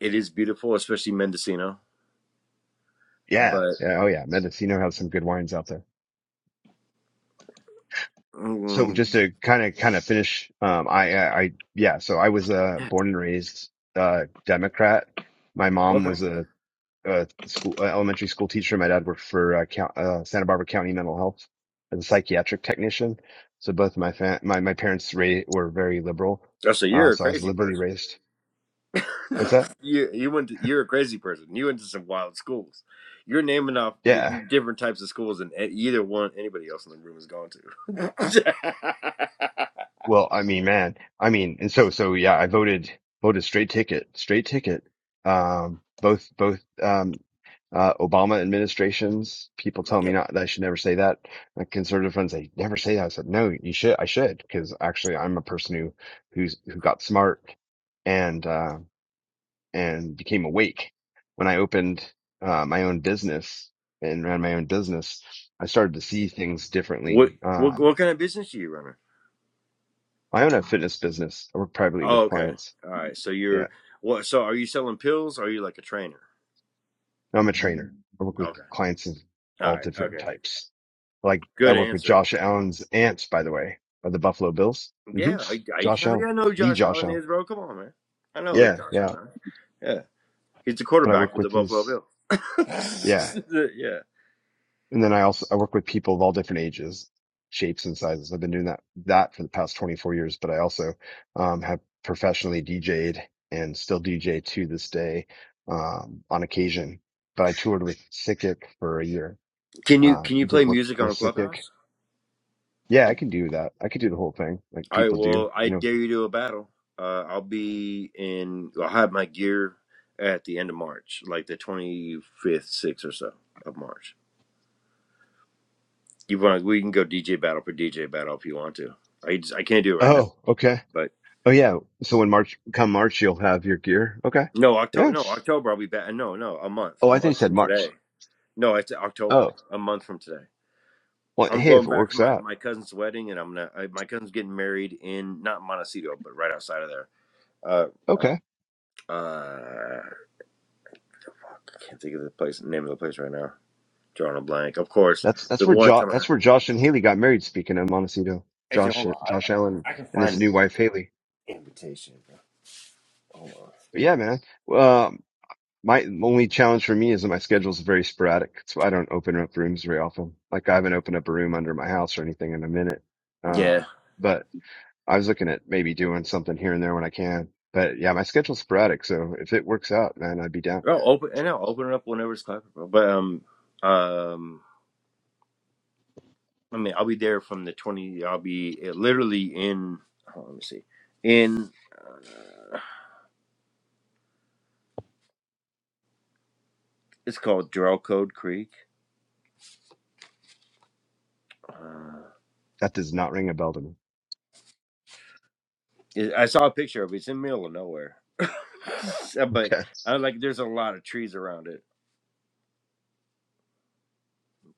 [SPEAKER 6] it is beautiful, especially Mendocino.
[SPEAKER 2] yeah,
[SPEAKER 6] But
[SPEAKER 2] yeah. Oh yeah. Mendocino has some good wines out there. So
[SPEAKER 6] mm,
[SPEAKER 2] just to kind of, kind of finish, um, I, I, I yeah, so I was, uh, born and raised, uh, Democrat. My mom
[SPEAKER 6] okay,
[SPEAKER 2] was a uh, school, uh, elementary school teacher. My dad worked for uh, count, uh, Santa Barbara County Mental Health as a psychiatric technician. So both my fa- my my parents ra- were very liberal,
[SPEAKER 6] oh, so
[SPEAKER 2] uh,
[SPEAKER 6] you're a
[SPEAKER 2] so I was
[SPEAKER 6] crazy
[SPEAKER 2] liberally
[SPEAKER 6] person.
[SPEAKER 2] raised. What's that?
[SPEAKER 6] you you went to, you're a crazy person. You went to some wild schools. You're naming off the
[SPEAKER 2] Yeah.
[SPEAKER 6] Yeah. different types of schools than e- either one anybody else in the room has gone to.
[SPEAKER 2] Well, I mean, man, I mean, and so, so yeah, I voted, voted straight ticket, straight ticket. Um, both, both, um, uh, Obama administrations, people tell me
[SPEAKER 6] yeah.
[SPEAKER 2] not that I should never say that. My conservative friends, they never say that. I said, no, you should, I should, because actually I'm a person who, who's, who got smart and, uh, and became awake when I opened, uh, my own business and ran my own business. I started to see things
[SPEAKER 6] What
[SPEAKER 2] differently. Uh,
[SPEAKER 6] what what kind of business are you running?
[SPEAKER 2] I own a fitness business. I work privately
[SPEAKER 6] Oh,
[SPEAKER 2] with
[SPEAKER 6] okay.
[SPEAKER 2] clients
[SPEAKER 6] All right. So
[SPEAKER 2] Yeah.
[SPEAKER 6] you're what? So are you selling pills? Or are you like a trainer?
[SPEAKER 2] No, I'm a trainer. I work with
[SPEAKER 6] Okay.
[SPEAKER 2] clients of
[SPEAKER 6] All
[SPEAKER 2] all
[SPEAKER 6] right.
[SPEAKER 2] different
[SPEAKER 6] Okay.
[SPEAKER 2] types. Like I
[SPEAKER 6] Good
[SPEAKER 2] work with
[SPEAKER 6] answer.
[SPEAKER 2] Josh Allen's ants, by the way, of the Buffalo Bills. hmm
[SPEAKER 6] Yeah. I, I
[SPEAKER 2] Josh
[SPEAKER 6] hell
[SPEAKER 2] Allen,
[SPEAKER 6] yeah. I know who
[SPEAKER 2] the
[SPEAKER 6] Josh
[SPEAKER 2] Josh
[SPEAKER 6] Allen
[SPEAKER 2] Allen.
[SPEAKER 6] is, bro. Come on, man. I know who
[SPEAKER 2] Yeah.
[SPEAKER 6] Josh
[SPEAKER 2] Yeah.
[SPEAKER 6] Allen. Is. Yeah. He's the
[SPEAKER 2] But I
[SPEAKER 6] quarterback
[SPEAKER 2] work
[SPEAKER 6] for the
[SPEAKER 2] with
[SPEAKER 6] Buffalo
[SPEAKER 2] his, yeah.
[SPEAKER 6] Bills. yeah.
[SPEAKER 2] And then I also, I work with people of all different ages, shapes and sizes. I've been doing that, that for the past 24 years, but I also, um, have professionally DJed and still DJ to this day, um, on occasion, but I toured with Sikik for a year.
[SPEAKER 6] Can you
[SPEAKER 2] Uh,
[SPEAKER 6] can you
[SPEAKER 2] did
[SPEAKER 6] play
[SPEAKER 2] work
[SPEAKER 6] music
[SPEAKER 2] with
[SPEAKER 6] on
[SPEAKER 2] Sikik
[SPEAKER 6] Clubhouse?
[SPEAKER 2] Yeah, I can do that. I could do the whole thing like
[SPEAKER 6] All right.
[SPEAKER 2] people do,
[SPEAKER 6] Well, I
[SPEAKER 2] you know.
[SPEAKER 6] dare you to a battle. Uh, I'll be in. I'll have my gear at the end of March, like the twenty fifth, sixth or so of March. You want? We can go DJ battle for DJ battle if you want to. I just, I can't do it right now,
[SPEAKER 2] Oh, okay.
[SPEAKER 6] but
[SPEAKER 2] Oh yeah. So when March come March you'll have your gear. Okay.
[SPEAKER 6] no October.
[SPEAKER 2] Yeah.
[SPEAKER 6] No October. I'll be back. No, no, a month.
[SPEAKER 2] Oh,
[SPEAKER 6] A
[SPEAKER 2] I think it
[SPEAKER 6] month
[SPEAKER 2] said
[SPEAKER 6] from today.
[SPEAKER 2] March.
[SPEAKER 6] No, it's October.
[SPEAKER 2] Oh.
[SPEAKER 6] A month from today.
[SPEAKER 2] Well,
[SPEAKER 6] I'm
[SPEAKER 2] hey, if it
[SPEAKER 6] going back for
[SPEAKER 2] works
[SPEAKER 6] my,
[SPEAKER 2] out.
[SPEAKER 6] my cousin's wedding, and I'm gonna. I, my cousin's getting married in not Montecito, but right outside of there. Uh, uh,
[SPEAKER 2] Okay.
[SPEAKER 6] Uh, I can't think of the place name of the place right now. Drawing a blank. Of course,
[SPEAKER 2] That's that's
[SPEAKER 6] the
[SPEAKER 2] where
[SPEAKER 6] one
[SPEAKER 2] Josh
[SPEAKER 6] time
[SPEAKER 2] that's where
[SPEAKER 6] I
[SPEAKER 2] Josh and Haley got married speaking of Montecito.
[SPEAKER 6] actually
[SPEAKER 2] Josh
[SPEAKER 6] hold
[SPEAKER 2] uh,
[SPEAKER 6] on, I
[SPEAKER 2] Josh Allen
[SPEAKER 6] I, I can
[SPEAKER 2] and his
[SPEAKER 6] find
[SPEAKER 2] new wife Haley.
[SPEAKER 6] the invitation. Bro. Hold on.
[SPEAKER 2] But yeah, man. Um my only challenge for me is that my schedule is very sporadic. So I don't open up rooms very often. Like I haven't opened up a room under my house or anything in a minute. Uh
[SPEAKER 6] Yeah,
[SPEAKER 2] but I was looking at maybe doing something here and there when I can. But yeah, my schedule's sporadic, so if it works out, man, I'd be down.
[SPEAKER 6] I'll open and I'll open it up whenever it's clapping, bro. But um, um, I mean, I'll be there from the twenty. I'll be uh, literally in. Hold on, let me see. In it's called Drellcode Creek. Uh,
[SPEAKER 2] That does not ring a bell to me.
[SPEAKER 6] it, I saw a picture of it. It's in the middle of nowhere, but
[SPEAKER 2] Okay.
[SPEAKER 6] I like. There's a lot of trees around it,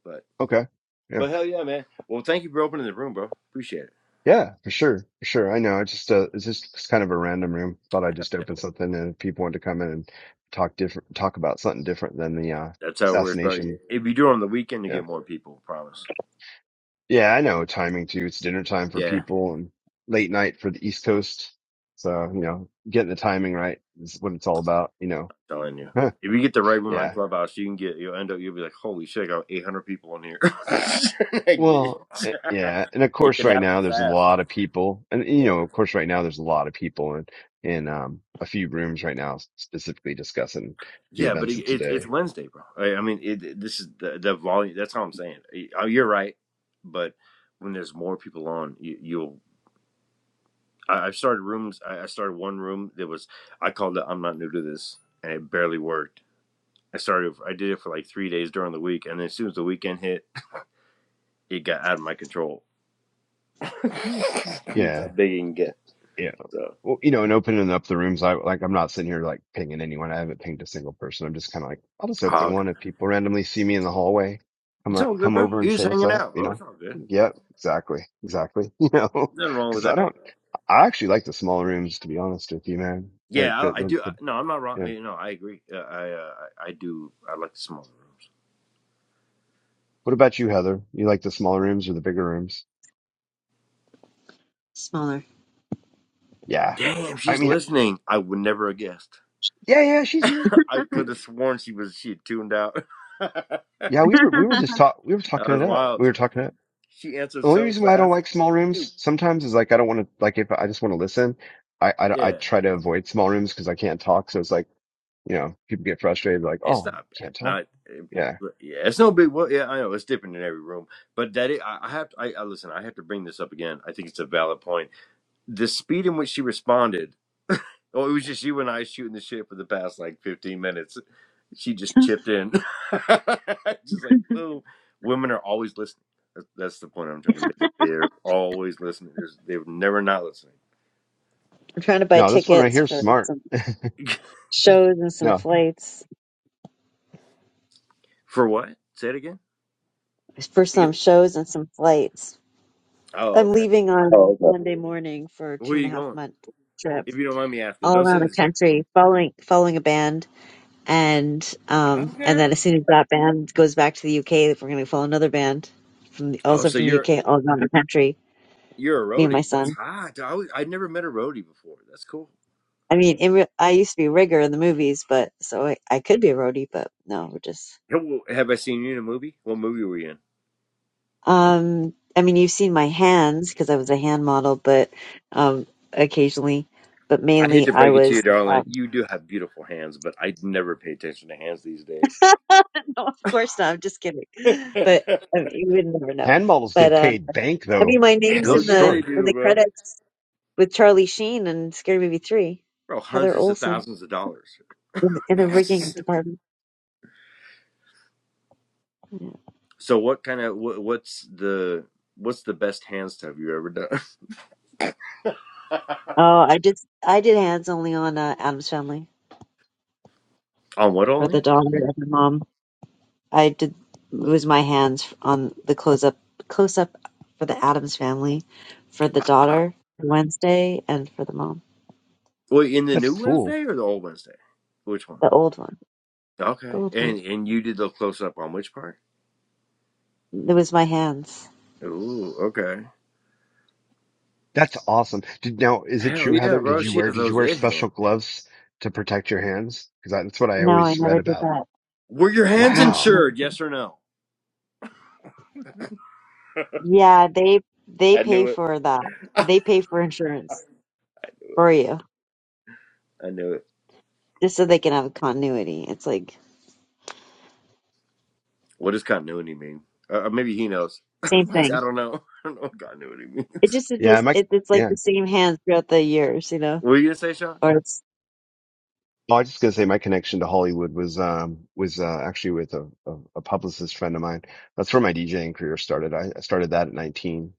[SPEAKER 6] but.
[SPEAKER 2] Okay. Yeah.
[SPEAKER 6] But hell yeah, man. Well, thank you for opening the room, bro. Appreciate it.
[SPEAKER 2] Yeah, for sure. For sure. I know. I just uh it's just it's kind of a random room. Thought I'd just open something and if people want to come in and talk different talk about something different than the uh
[SPEAKER 6] That's how it works, bro.
[SPEAKER 2] assassination.
[SPEAKER 6] If you do it on the weekend, you
[SPEAKER 2] Yeah.
[SPEAKER 6] get more people. Promise.
[SPEAKER 2] Yeah, I know timing too. It's dinner time for
[SPEAKER 6] Yeah,
[SPEAKER 2] people and late night for the East Coast. So, you know, getting the timing right is what it's all about, you
[SPEAKER 6] I'm telling you.
[SPEAKER 2] know.
[SPEAKER 6] If you get the right room
[SPEAKER 2] yeah.
[SPEAKER 6] on Clubhouse, you can get. You'll end up. You'll be like, holy shit, I got 800 people on here. it
[SPEAKER 2] Well, eh, yeah, and of course,
[SPEAKER 6] can
[SPEAKER 2] right
[SPEAKER 6] happen
[SPEAKER 2] now there's a
[SPEAKER 6] fast.
[SPEAKER 2] lot of people, and you
[SPEAKER 6] Yeah.
[SPEAKER 2] know, of course, right now there's a lot of people in in um a few rooms right now, specifically discussing the
[SPEAKER 6] Yeah, but it,
[SPEAKER 2] events of
[SPEAKER 6] it's it's
[SPEAKER 2] today.
[SPEAKER 6] Wednesday, bro. I, I mean, it, this is the the volume. That's how I'm saying. Uh, You're right, but when there's more people on, you, you'll I, I've started rooms. I, I started one room that was I called it "I'm not new to this," and it barely worked. I started. I did it for like three days during the week, and then as soon as the weekend hit, it got out of my control. That's how
[SPEAKER 2] Yeah,
[SPEAKER 6] big you can get.
[SPEAKER 2] yeah.
[SPEAKER 6] So
[SPEAKER 2] Well, you know, and opening up the rooms, I like, I'm not sitting here like pinging anyone. I haven't pinged a single person. I'm just kind of like, I'll just
[SPEAKER 6] Oh,
[SPEAKER 2] open
[SPEAKER 6] okay.
[SPEAKER 2] one if people randomly see me in the hallway, come
[SPEAKER 6] it's
[SPEAKER 2] up,
[SPEAKER 6] all good,
[SPEAKER 2] come
[SPEAKER 6] bro.
[SPEAKER 2] over and
[SPEAKER 6] You're
[SPEAKER 2] say
[SPEAKER 6] just
[SPEAKER 2] what's
[SPEAKER 6] hanging
[SPEAKER 2] up.
[SPEAKER 6] out,
[SPEAKER 2] You
[SPEAKER 6] bro.
[SPEAKER 2] know?
[SPEAKER 6] It's all good.
[SPEAKER 2] Yep, exactly, exactly. You know,
[SPEAKER 6] Nothing wrong with
[SPEAKER 2] because I
[SPEAKER 6] that.
[SPEAKER 2] don't. I actually like the small rooms, to be honest with you, man. Like
[SPEAKER 6] Yeah,
[SPEAKER 2] the
[SPEAKER 6] I, I
[SPEAKER 2] the,
[SPEAKER 6] do.
[SPEAKER 2] the
[SPEAKER 6] No, I'm not wrong.
[SPEAKER 2] Yeah.
[SPEAKER 6] You know, I agree. Uh, I uh, I I do. I like the smaller rooms.
[SPEAKER 2] What about you, Heather? You like the smaller rooms or the bigger rooms?
[SPEAKER 3] smaller.
[SPEAKER 2] Yeah.
[SPEAKER 6] Damn,
[SPEAKER 2] I
[SPEAKER 6] she's
[SPEAKER 2] mean,
[SPEAKER 6] listening. I would never have guessed.
[SPEAKER 2] yeah, yeah, she's here.
[SPEAKER 6] I
[SPEAKER 2] We,
[SPEAKER 6] could have sworn she was she had tuned out. that
[SPEAKER 2] yeah, we were, we were just talk, we were talking it
[SPEAKER 6] was
[SPEAKER 2] up. We
[SPEAKER 6] wild.
[SPEAKER 2] were talking it
[SPEAKER 6] She answered
[SPEAKER 2] The only
[SPEAKER 6] so
[SPEAKER 2] reason why I don't
[SPEAKER 6] fast.
[SPEAKER 2] like small
[SPEAKER 6] It-
[SPEAKER 2] rooms sometimes is like, I don't want to, like, if I just want to listen, I, I, I
[SPEAKER 6] yeah,
[SPEAKER 2] try to avoid small rooms because I can't talk. So it's like, you know, people get frustrated, like,
[SPEAKER 6] it's
[SPEAKER 2] oh,
[SPEAKER 6] not bad.
[SPEAKER 2] can't talk.
[SPEAKER 6] Not it-
[SPEAKER 2] Yeah.
[SPEAKER 6] yeah, it's no big. Well, yeah, I know it's different in every room, but that is, I I have. To, I, I listen. I have to bring this up again. I think it's a valid point. The speed in which she responded. Oh, it was just you and I shooting the shit for the past like fifteen minutes. She just
[SPEAKER 3] I'm
[SPEAKER 6] chipped in, just like boom. Women are always listening. That's that's the point I'm trying to make. that They're always listening. There's, they're never not listening.
[SPEAKER 3] trying to buy
[SPEAKER 2] No, this one right
[SPEAKER 3] tickets
[SPEAKER 2] here is
[SPEAKER 3] for
[SPEAKER 2] smart.
[SPEAKER 3] some shows and some
[SPEAKER 2] No,
[SPEAKER 3] flights
[SPEAKER 6] For what? Say it again.
[SPEAKER 3] for
[SPEAKER 6] Take
[SPEAKER 3] some
[SPEAKER 6] it.
[SPEAKER 3] shows and some flights.
[SPEAKER 6] Oh,
[SPEAKER 3] I'm
[SPEAKER 6] okay.
[SPEAKER 3] leaving on Oh, okay. Monday morning for a
[SPEAKER 6] Where
[SPEAKER 3] two
[SPEAKER 6] are
[SPEAKER 3] and a
[SPEAKER 6] you
[SPEAKER 3] half
[SPEAKER 6] going?
[SPEAKER 3] month trip.
[SPEAKER 6] If you don't mind me asking,
[SPEAKER 3] all
[SPEAKER 6] don't
[SPEAKER 3] around
[SPEAKER 6] say
[SPEAKER 3] the
[SPEAKER 6] this.
[SPEAKER 3] country following following a band and um and
[SPEAKER 6] Okay.
[SPEAKER 3] then as soon as that band goes back to the UK we're going to follow another band from the,
[SPEAKER 6] Oh,
[SPEAKER 3] also
[SPEAKER 6] so
[SPEAKER 3] from the
[SPEAKER 6] you're
[SPEAKER 3] UK all around the country
[SPEAKER 6] you're a
[SPEAKER 3] me and my
[SPEAKER 6] roadie. That's
[SPEAKER 3] son
[SPEAKER 6] hot. I always, I'd never met a roadie before. That's cool.
[SPEAKER 3] I mean in real, I used to be a rigger in the movies but so I, I could be a roadie but no we're just
[SPEAKER 6] Hey, well, Have I seen you in a movie? What movie were you in?
[SPEAKER 3] um I mean you've seen my hands because I was a hand model but um occasionally but
[SPEAKER 6] I hate
[SPEAKER 3] mainly
[SPEAKER 6] to
[SPEAKER 3] I
[SPEAKER 6] break it to you,
[SPEAKER 3] was
[SPEAKER 6] darling.
[SPEAKER 3] um
[SPEAKER 6] You do have beautiful hands, but I never pay attention to hands these days.
[SPEAKER 3] no of course not I'm just kidding but
[SPEAKER 6] Hell
[SPEAKER 3] I mean, you would never know
[SPEAKER 2] hand models
[SPEAKER 3] but
[SPEAKER 2] get
[SPEAKER 3] uh,
[SPEAKER 2] paid bank
[SPEAKER 3] I mean,
[SPEAKER 2] though.
[SPEAKER 3] my name's
[SPEAKER 2] Real
[SPEAKER 3] in
[SPEAKER 6] yeah,
[SPEAKER 3] the
[SPEAKER 6] they
[SPEAKER 2] story.
[SPEAKER 3] in
[SPEAKER 6] do,
[SPEAKER 3] the
[SPEAKER 6] bro.
[SPEAKER 3] credits with Charlie Sheen and Scary Movie Three,
[SPEAKER 6] Bro,
[SPEAKER 3] Heather
[SPEAKER 6] hundreds of
[SPEAKER 3] Olson
[SPEAKER 6] thousands of dollars.
[SPEAKER 3] in, in a rigging department. Yeah.
[SPEAKER 6] So what kind of what, what's the what's the best hand stuff you ever done?
[SPEAKER 3] Oh, I did I did hands only on uh, Adam's Family
[SPEAKER 6] On what
[SPEAKER 3] for
[SPEAKER 6] only?
[SPEAKER 3] the daughter and the mom. I did it was my hands on the close up close up for the Adams Family, for the daughter Wednesday, and for the mom,
[SPEAKER 6] Wait, in the new
[SPEAKER 2] That's cool.
[SPEAKER 6] Wednesday or the old Wednesday? Which one?
[SPEAKER 3] the old one, the
[SPEAKER 6] Okay.
[SPEAKER 3] old one.
[SPEAKER 6] And and you did the close up on which part?
[SPEAKER 3] It was my hands.
[SPEAKER 6] Ooh, okay.
[SPEAKER 2] That's awesome. Did now is it
[SPEAKER 6] Hell
[SPEAKER 2] true,
[SPEAKER 6] yeah,
[SPEAKER 2] Heather? Did
[SPEAKER 6] bro.
[SPEAKER 2] you
[SPEAKER 6] She
[SPEAKER 2] wear
[SPEAKER 6] has
[SPEAKER 2] did you
[SPEAKER 6] those
[SPEAKER 2] wear
[SPEAKER 6] it hands.
[SPEAKER 2] special gloves to protect your hands? Because that's what I
[SPEAKER 3] No, I
[SPEAKER 2] always
[SPEAKER 3] never
[SPEAKER 2] read
[SPEAKER 3] did
[SPEAKER 2] about.
[SPEAKER 3] that.
[SPEAKER 6] Were your hands
[SPEAKER 2] Wow.
[SPEAKER 3] No.
[SPEAKER 6] insured? Yes or no?
[SPEAKER 3] Yeah, they they
[SPEAKER 6] I
[SPEAKER 3] pay
[SPEAKER 6] knew it.
[SPEAKER 3] for that. They pay for insurance for you
[SPEAKER 6] I knew it.
[SPEAKER 3] just so they can have continuity. It's like
[SPEAKER 6] What does continuity mean? Uh, uh, maybe he knows. I
[SPEAKER 3] same thing.
[SPEAKER 6] don't know. I don't know what continuity
[SPEAKER 3] It
[SPEAKER 6] means.
[SPEAKER 3] just is
[SPEAKER 2] Yeah,
[SPEAKER 3] this.
[SPEAKER 2] my
[SPEAKER 3] It, it's like
[SPEAKER 2] yeah.
[SPEAKER 3] the same hands throughout the years, you know,
[SPEAKER 6] What were you gonna say, Sean?
[SPEAKER 3] or it's
[SPEAKER 2] Oh, I was just gonna say my connection to Hollywood was um was uh, actually with a, a, a publicist friend of mine. That's where my DJing career started. I, I started that at 19.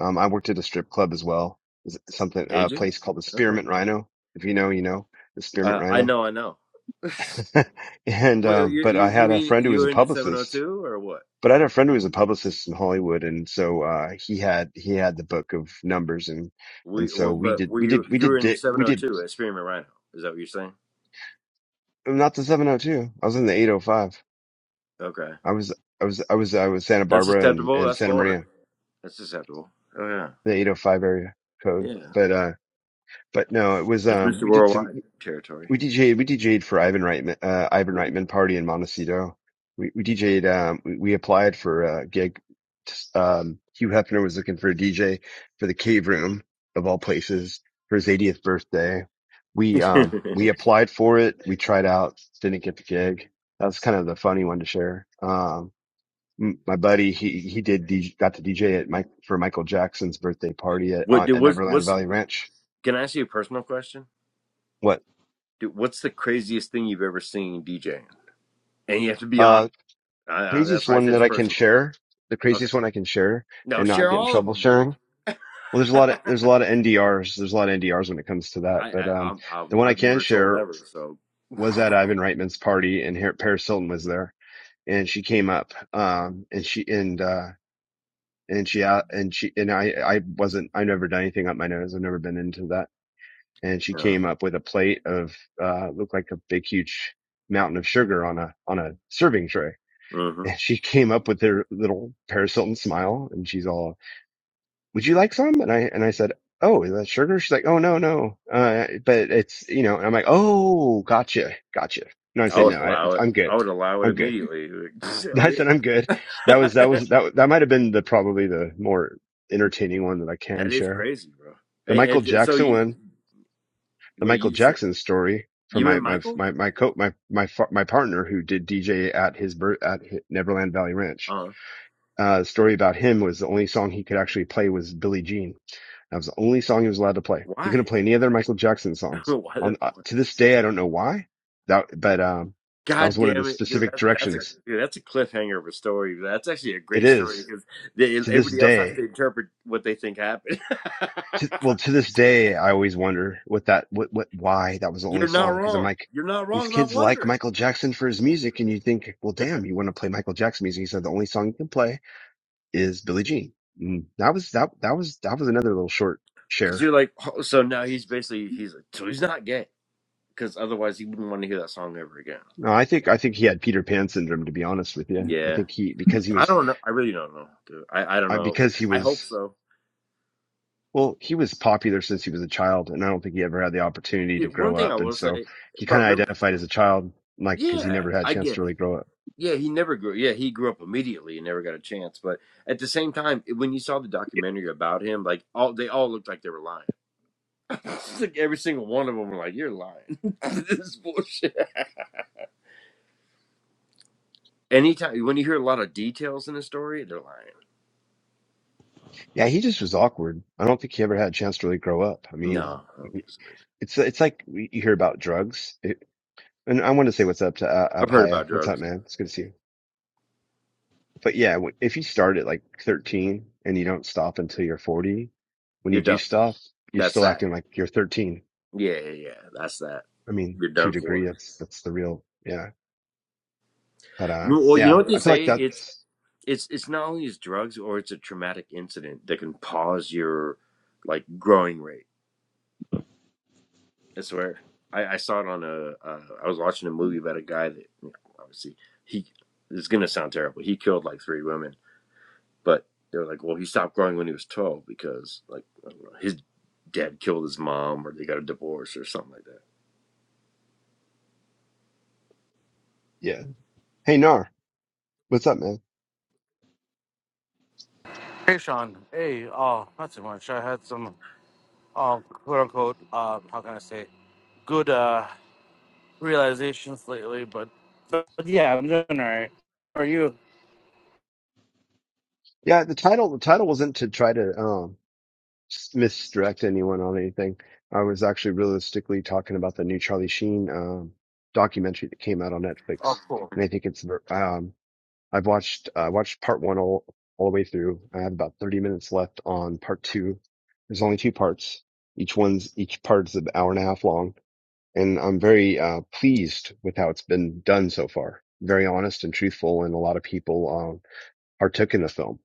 [SPEAKER 2] Um, I worked at a strip club as well. It Something a
[SPEAKER 6] Did you?
[SPEAKER 2] place called the
[SPEAKER 6] Okay.
[SPEAKER 2] Spearmint Rhino. If you know, you know the Spearmint
[SPEAKER 6] Uh, I
[SPEAKER 2] Rhino.
[SPEAKER 6] know. I know.
[SPEAKER 2] and
[SPEAKER 6] Well,
[SPEAKER 2] um,
[SPEAKER 6] you
[SPEAKER 2] but
[SPEAKER 6] you
[SPEAKER 2] I
[SPEAKER 6] you
[SPEAKER 2] had a
[SPEAKER 6] mean
[SPEAKER 2] friend who
[SPEAKER 6] you
[SPEAKER 2] was a
[SPEAKER 6] were in the seven hundred
[SPEAKER 2] publicist
[SPEAKER 6] two or what?
[SPEAKER 2] But I had a friend who was a publicist in Hollywood, and so uh, he had he had the book of numbers, and and
[SPEAKER 6] We
[SPEAKER 2] so
[SPEAKER 6] w-
[SPEAKER 2] we
[SPEAKER 6] but
[SPEAKER 2] did
[SPEAKER 6] were
[SPEAKER 2] we
[SPEAKER 6] you
[SPEAKER 2] did we
[SPEAKER 6] you
[SPEAKER 2] did
[SPEAKER 6] were in the
[SPEAKER 2] di-
[SPEAKER 6] seven
[SPEAKER 2] we
[SPEAKER 6] hundred
[SPEAKER 2] did
[SPEAKER 6] two at Spearman Rhino? Is that what you're saying?
[SPEAKER 2] not the seven hundred two. I was in the eight hundred five.
[SPEAKER 6] Okay.
[SPEAKER 2] I was I was I was I was Santa
[SPEAKER 6] That's
[SPEAKER 2] Barbara and,
[SPEAKER 6] acceptable.
[SPEAKER 2] and
[SPEAKER 6] That's
[SPEAKER 2] Santa
[SPEAKER 6] Florida.
[SPEAKER 2] Maria,
[SPEAKER 6] That's acceptable. Oh yeah.
[SPEAKER 2] the eight hundred five area code.
[SPEAKER 6] Yeah.
[SPEAKER 2] But uh, but no, it was
[SPEAKER 6] It's
[SPEAKER 2] um
[SPEAKER 6] Mr.
[SPEAKER 2] we did some.
[SPEAKER 6] Worldwide territory.
[SPEAKER 2] We DJed, we DJed for Ivan Reitman, uh, Ivan Reitman party in Montecito. We, we DJed, um, we, we applied for a gig. Um, Hugh Hefner was looking for a DJ for the Cave Room of all places for his 80th birthday. We, um, we applied for it. We tried out, didn't get the gig. That was kind of the funny one to share. Um, my buddy, he, he did, DJ, got to DJ at Mike for Michael Jackson's birthday party at,
[SPEAKER 6] what do
[SPEAKER 2] at
[SPEAKER 6] what's
[SPEAKER 2] Neverland
[SPEAKER 6] what's
[SPEAKER 2] Valley Ranch.
[SPEAKER 6] can I ask you a personal question?
[SPEAKER 2] What?
[SPEAKER 6] Dude, what's the craziest thing you've ever seen DJing? And you have to be
[SPEAKER 2] Uh,
[SPEAKER 6] honest. I, I, that's
[SPEAKER 2] craziest
[SPEAKER 6] why I
[SPEAKER 2] one
[SPEAKER 6] said
[SPEAKER 2] that
[SPEAKER 6] it's
[SPEAKER 2] I can
[SPEAKER 6] personal.
[SPEAKER 2] share, the
[SPEAKER 6] Okay.
[SPEAKER 2] craziest one I can share
[SPEAKER 6] No,
[SPEAKER 2] and not
[SPEAKER 6] share
[SPEAKER 2] get in
[SPEAKER 6] all of
[SPEAKER 2] trouble
[SPEAKER 6] them, dude.
[SPEAKER 2] sharing. Well, there's a lot of, there's a
[SPEAKER 6] I,
[SPEAKER 2] lot of NDRs. There's a lot of NDRs when it comes to that. But,
[SPEAKER 6] I
[SPEAKER 2] um,
[SPEAKER 6] I'm,
[SPEAKER 2] the
[SPEAKER 6] I'm
[SPEAKER 2] one I
[SPEAKER 6] I've
[SPEAKER 2] can
[SPEAKER 6] never told
[SPEAKER 2] share
[SPEAKER 6] ever, so
[SPEAKER 2] was at
[SPEAKER 6] yeah.
[SPEAKER 2] Ivan Reitman's party and here, Paris Hilton was there and she came up, um, and she, and, uh, and she, uh, and she, and I, I wasn't, I've never done anything up my nose. I've never been into that. And she came up with a plate of, uh, looked like a big, huge mountain of sugar on a, on a serving tray
[SPEAKER 6] hmm
[SPEAKER 2] And she came up with her little Paris Hilton smile and she's all, would you like some? And I, and I said, Oh, is that sugar? She's like, Oh, no, no. Uh, but it's, you know, and I'm like, Oh, gotcha. Gotcha. No, I
[SPEAKER 6] I
[SPEAKER 2] said,
[SPEAKER 6] would
[SPEAKER 2] no, I,
[SPEAKER 6] allow it.
[SPEAKER 2] I'm
[SPEAKER 6] I
[SPEAKER 2] good.
[SPEAKER 6] would allow it
[SPEAKER 2] I'm good.
[SPEAKER 6] immediately. oh
[SPEAKER 2] I said, I'm good. That was,
[SPEAKER 6] yeah.
[SPEAKER 2] that was, that, that might have been the, probably the more entertaining one that I can
[SPEAKER 6] That is
[SPEAKER 2] share.
[SPEAKER 6] crazy, bro.
[SPEAKER 2] The
[SPEAKER 6] And,
[SPEAKER 2] Michael
[SPEAKER 6] and so
[SPEAKER 2] Jackson
[SPEAKER 6] you,
[SPEAKER 2] one, the
[SPEAKER 6] well,
[SPEAKER 2] Michael
[SPEAKER 6] you, so
[SPEAKER 2] Jackson story from
[SPEAKER 6] you
[SPEAKER 2] my,
[SPEAKER 6] met
[SPEAKER 2] my,
[SPEAKER 6] Michael?
[SPEAKER 2] my, my co, my, my, fa- my partner who did DJ at his birth, at Neverland Valley Ranch
[SPEAKER 6] Uh,
[SPEAKER 2] Uh, the story about him was the only song he could actually play was Billie Jean. That was the only song he was allowed to play. He
[SPEAKER 6] why?
[SPEAKER 2] couldn't play any other Michael Jackson songs.
[SPEAKER 6] why? The,
[SPEAKER 2] On uh, to this day, I don't know why. That, but um, that
[SPEAKER 6] God
[SPEAKER 2] was one of the
[SPEAKER 6] damn it, dude.
[SPEAKER 2] specific
[SPEAKER 6] That, that's a
[SPEAKER 2] directions.
[SPEAKER 6] dude, that's a cliffhanger of a story. That's actually a
[SPEAKER 2] It
[SPEAKER 6] great story
[SPEAKER 2] is
[SPEAKER 6] because they,
[SPEAKER 2] to this
[SPEAKER 6] everybody else has
[SPEAKER 2] day.
[SPEAKER 6] to interpret what they think happened.
[SPEAKER 2] To, well, to this day, I always wonder what that, what, what, why that was the only
[SPEAKER 6] you're not
[SPEAKER 2] song. Because I'm
[SPEAKER 6] wrong.
[SPEAKER 2] like,
[SPEAKER 6] You're not
[SPEAKER 2] these
[SPEAKER 6] wrong about
[SPEAKER 2] kids like
[SPEAKER 6] wondering
[SPEAKER 2] Michael Jackson for his music, and you think, well, damn, you want to play Michael Jackson music? He said the only song you can play is Billie Jean. Mm. That was that that was that was another little short
[SPEAKER 6] because
[SPEAKER 2] share
[SPEAKER 6] you're like, oh, so now he's basically he's like, so he's not gay because otherwise he wouldn't want to hear that song ever again.
[SPEAKER 2] No, I think I think he had Peter Pan syndrome. To be honest with you, I
[SPEAKER 6] Yeah,
[SPEAKER 2] think he because he
[SPEAKER 6] I
[SPEAKER 2] was
[SPEAKER 6] don't know. I really don't know, dude. I I don't
[SPEAKER 2] I
[SPEAKER 6] know.
[SPEAKER 2] because he
[SPEAKER 6] I hope
[SPEAKER 2] was
[SPEAKER 6] so.
[SPEAKER 2] well he was popular since he was a child, and I don't think he ever had the opportunity to
[SPEAKER 6] Dude,
[SPEAKER 2] grow
[SPEAKER 6] one thing I
[SPEAKER 2] up, and
[SPEAKER 6] will
[SPEAKER 2] so
[SPEAKER 6] say,
[SPEAKER 2] he kind
[SPEAKER 6] bro.
[SPEAKER 2] of
[SPEAKER 6] Remember,
[SPEAKER 2] identified as a child, like because he
[SPEAKER 6] yeah,
[SPEAKER 2] never had a
[SPEAKER 6] I
[SPEAKER 2] chance
[SPEAKER 6] get
[SPEAKER 2] to really
[SPEAKER 6] it.
[SPEAKER 2] grow up.
[SPEAKER 6] Yeah, he never grew. Yeah, he grew up immediately and never got a chance. But at the same time, when you saw the documentary about him, like all they all looked like they were lying. like every single one of them were like, "You're lying. this is bullshit." Anytime when you hear a lot of details in a story, they're lying.
[SPEAKER 2] Yeah, he just was awkward. I don't think he ever had a chance to really grow up. I mean,
[SPEAKER 6] No, I don't think so either.
[SPEAKER 2] it's it's like you hear about drugs, it, and I want to say what's up to uh,
[SPEAKER 6] I've heard
[SPEAKER 2] Abhaya.
[SPEAKER 6] about
[SPEAKER 2] What's up,
[SPEAKER 6] drugs.
[SPEAKER 2] man? It's good to see you. But yeah, if you start at like 13 and you don't stop until you're 40, when
[SPEAKER 6] You're
[SPEAKER 2] you do
[SPEAKER 6] done.
[SPEAKER 2] stop, you're
[SPEAKER 6] That's
[SPEAKER 2] still
[SPEAKER 6] that.
[SPEAKER 2] acting like you're 13.
[SPEAKER 6] Yeah, yeah, yeah. That's that.
[SPEAKER 2] I mean,
[SPEAKER 6] You're
[SPEAKER 2] to a
[SPEAKER 6] done
[SPEAKER 2] degree,
[SPEAKER 6] for.
[SPEAKER 2] that's that's the real yeah. But
[SPEAKER 6] You
[SPEAKER 2] uh,
[SPEAKER 6] know, well, you know
[SPEAKER 2] yeah,
[SPEAKER 6] what they
[SPEAKER 2] I feel like
[SPEAKER 6] say. It's
[SPEAKER 2] that's
[SPEAKER 6] it's it's not only as drugs or it's a traumatic incident that can pause your like growing rate. I swear. I, I saw it on a. Uh, I was watching a movie about a guy that you know, obviously he it's gonna sound terrible. He killed like three women, but they were like, well, he stopped growing when he was twelve because like I don't know, his dad killed his mom or they got a divorce or something like that.
[SPEAKER 2] yeah. Hey Nar, what's up, man?
[SPEAKER 7] Hey, Sean. Hey, uh, not too much. I had some, uh, quote unquote, uh, how can I say, good uh, realizations lately, but, but yeah, I'm doing all right. How are you?
[SPEAKER 2] Yeah, the title the title wasn't to try to um misdirect anyone on anything. I was actually realistically talking about the new Charlie Sheen um documentary that came out on
[SPEAKER 7] Oh,
[SPEAKER 2] Netflix,
[SPEAKER 7] cool.
[SPEAKER 2] and I think it's um I've watched I watched part one all all the way through. I have about thirty minutes left on part two. There's only two parts. Each one's each part's an hour and a half long, and I'm very uh, pleased with how it's been done so far. Very honest and truthful, and a lot of people um, partook in the film.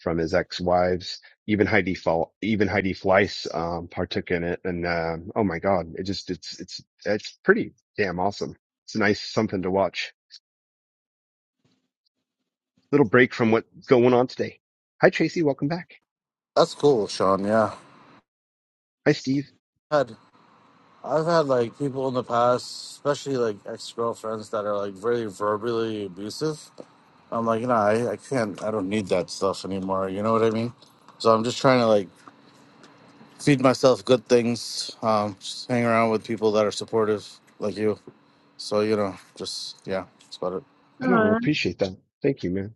[SPEAKER 2] From his ex-wives, even Heidi Fall, even Heidi Fleiss um, partook in it, and um, oh my God, it just it's it's it's pretty damn awesome. It's nice something to watch. little break from what's going on today. Hi, Tracy. Welcome back.
[SPEAKER 7] That's cool, Sean. Yeah.
[SPEAKER 2] Hi, Steve.
[SPEAKER 7] Had, I've had like people in the past, especially like ex girlfriends that are like very verbally abusive. I'm like, nah, I, I can't, I don't need that stuff anymore. You know what I mean? So I'm just trying to like feed myself good things, um, just hang around with people that are supportive like you. So you know, just yeah, that's about it.
[SPEAKER 2] I don't
[SPEAKER 3] Aw.
[SPEAKER 2] appreciate that. Thank you, man.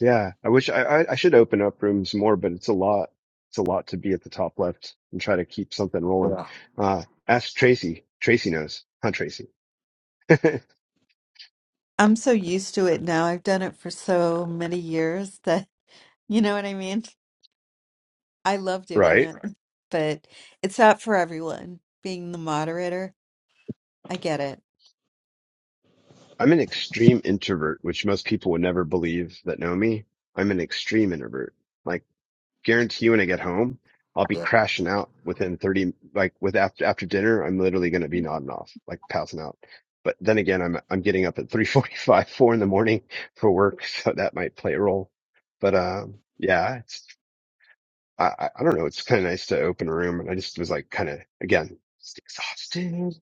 [SPEAKER 2] Yeah. I wish I, I, I should open up rooms more, but it's a lot. It's a lot to be at the top left and try to keep something rolling.
[SPEAKER 7] Yeah,
[SPEAKER 2] Uh, ask Tracy. Tracy knows, huh, Tracy?
[SPEAKER 5] I'm so used to it now. I've done it for so many years that you know what I mean. I love doing
[SPEAKER 2] right.
[SPEAKER 5] it, but it's not for everyone. Being the moderator, I get it.
[SPEAKER 2] I'm an extreme introvert, which most people would never believe that know me. I'm an extreme introvert Like. guarantee you when I get home, I'll be
[SPEAKER 7] yeah,
[SPEAKER 2] crashing out within 30, like with after, after dinner, I'm literally going to be nodding off, like passing out. But then again, I'm, I'm getting up at 3:45, four in the morning for work. So that might play a role. But, um, yeah, it's, I, I I don't know. It's kind of nice to open a room. And I just was like, kind of again, just exhausted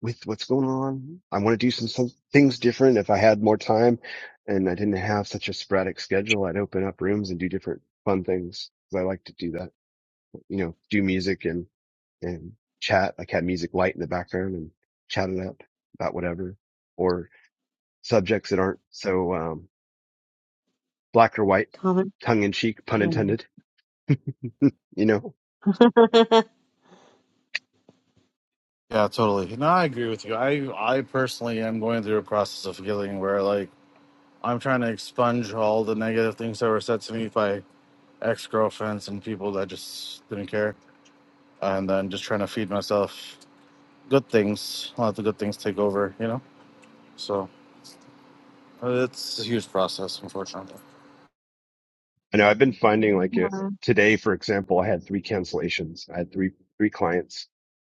[SPEAKER 2] with what's going on. I want to do some, some things different. If I had more time and I didn't have such a sporadic schedule, I'd open up rooms and do different fun things. 'cause I like to do that you know, do music and, and chat, like had music light in the background and chat it up about whatever or subjects that aren't so, um, black or white,
[SPEAKER 3] common.
[SPEAKER 2] tongue in cheek, pun
[SPEAKER 3] Yeah.
[SPEAKER 2] intended, you know?
[SPEAKER 7] yeah. Totally. No, I agree with you. I I personally am going through a process of healing where like I'm trying to expunge all the negative things that were said to me by ex girlfriends and people that just didn't care, and then just trying to feed myself good things, let the good things take over. You know. So uh, it's a huge process, unfortunately.
[SPEAKER 2] I know I've been finding like uh
[SPEAKER 3] Aw.
[SPEAKER 2] today, for example, I had three cancellations. I had three, three clients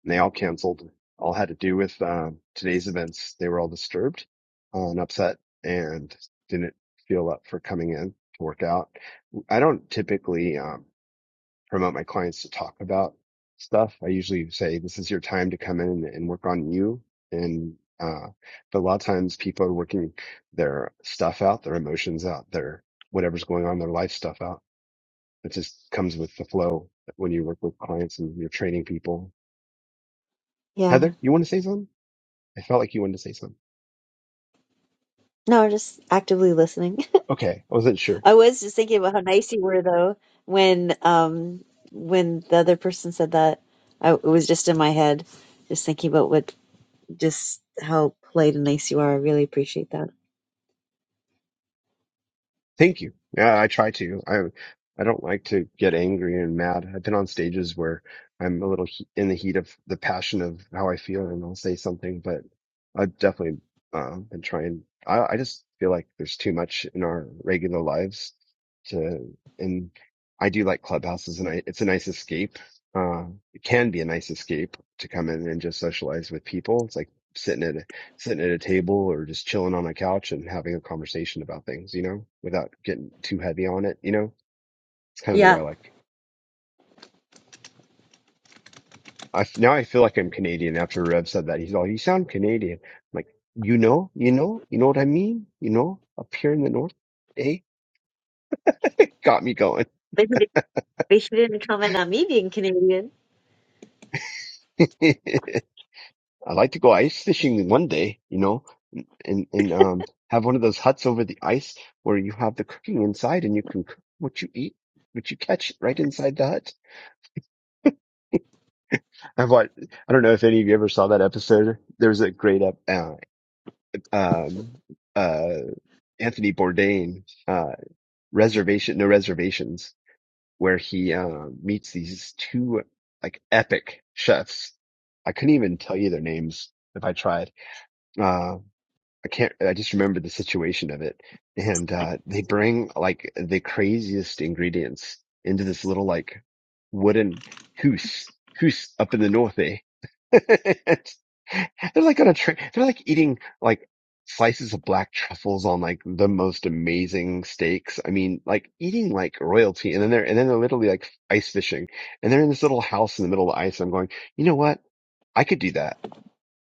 [SPEAKER 2] and they all canceled. All had to do with, um, today's events. They were all disturbed uh, and upset and didn't feel up for coming in to work out. I don't typically, um, promote my clients to talk about stuff. I usually say, this is your time to come in and work on you. And, uh, but a lot of times people are working their stuff out, their emotions out, their whatever's going on, in their life stuff out. It just comes with the flow when you work with clients and you're training people.
[SPEAKER 3] Yeah.
[SPEAKER 2] Heather, you want to say something? I felt like you wanted to say something.
[SPEAKER 3] No, just actively listening.
[SPEAKER 2] Okay. I wasn't sure.
[SPEAKER 3] I was just thinking about how nice you were though when um when the other person said that. I, it was just in my head, just thinking about what just how polite and nice you are. I really appreciate that.
[SPEAKER 2] Thank you. Yeah, I try to. I I don't like to get angry and mad. I've been on stages where I'm a little he- in the heat of the passion of how I feel, and I'll say something. But I've definitely uh, been trying. I I just feel like there's too much in our regular lives to, and I do like clubhouses, and I it's a nice escape. Uh, it can be a nice escape to come in and just socialize with people. It's like sitting at sitting at a table or just chilling on a couch and having a conversation about things, you know, without getting too heavy on it, you know. It's kind of the way
[SPEAKER 3] Yeah.
[SPEAKER 2] I like. I f- now I feel like I'm Canadian after Rev said that. He's all, "You sound Canadian." I'm like, "You know, you know, you know what I mean? You know, up here in the north, eh?" Got me going.
[SPEAKER 3] Basically, basically from me being Canadian.
[SPEAKER 2] I like to go ice fishing one day, you know, and and um have one of those huts over the ice where you have the cooking inside and you can cook what you eat, what you catch right inside the hut. I've watched, I don't know if any of you ever saw that episode. There was a great up, uh, um, uh, Anthony Bourdain, uh, reservation, no reservations, where he, uh, meets these two like epic chefs. I couldn't even tell you their names if I tried. Uh, I can't, I just remember the situation of it. And, uh, they bring like the craziest ingredients into this little like wooden house, house up in the north, eh? They're like on a train. They're like eating like slices of black truffles on like the most amazing steaks. I mean, like eating like royalty. And then they're, and then they're literally like ice fishing and they're in this little house in the middle of the ice. I'm going, you know what? I could do that.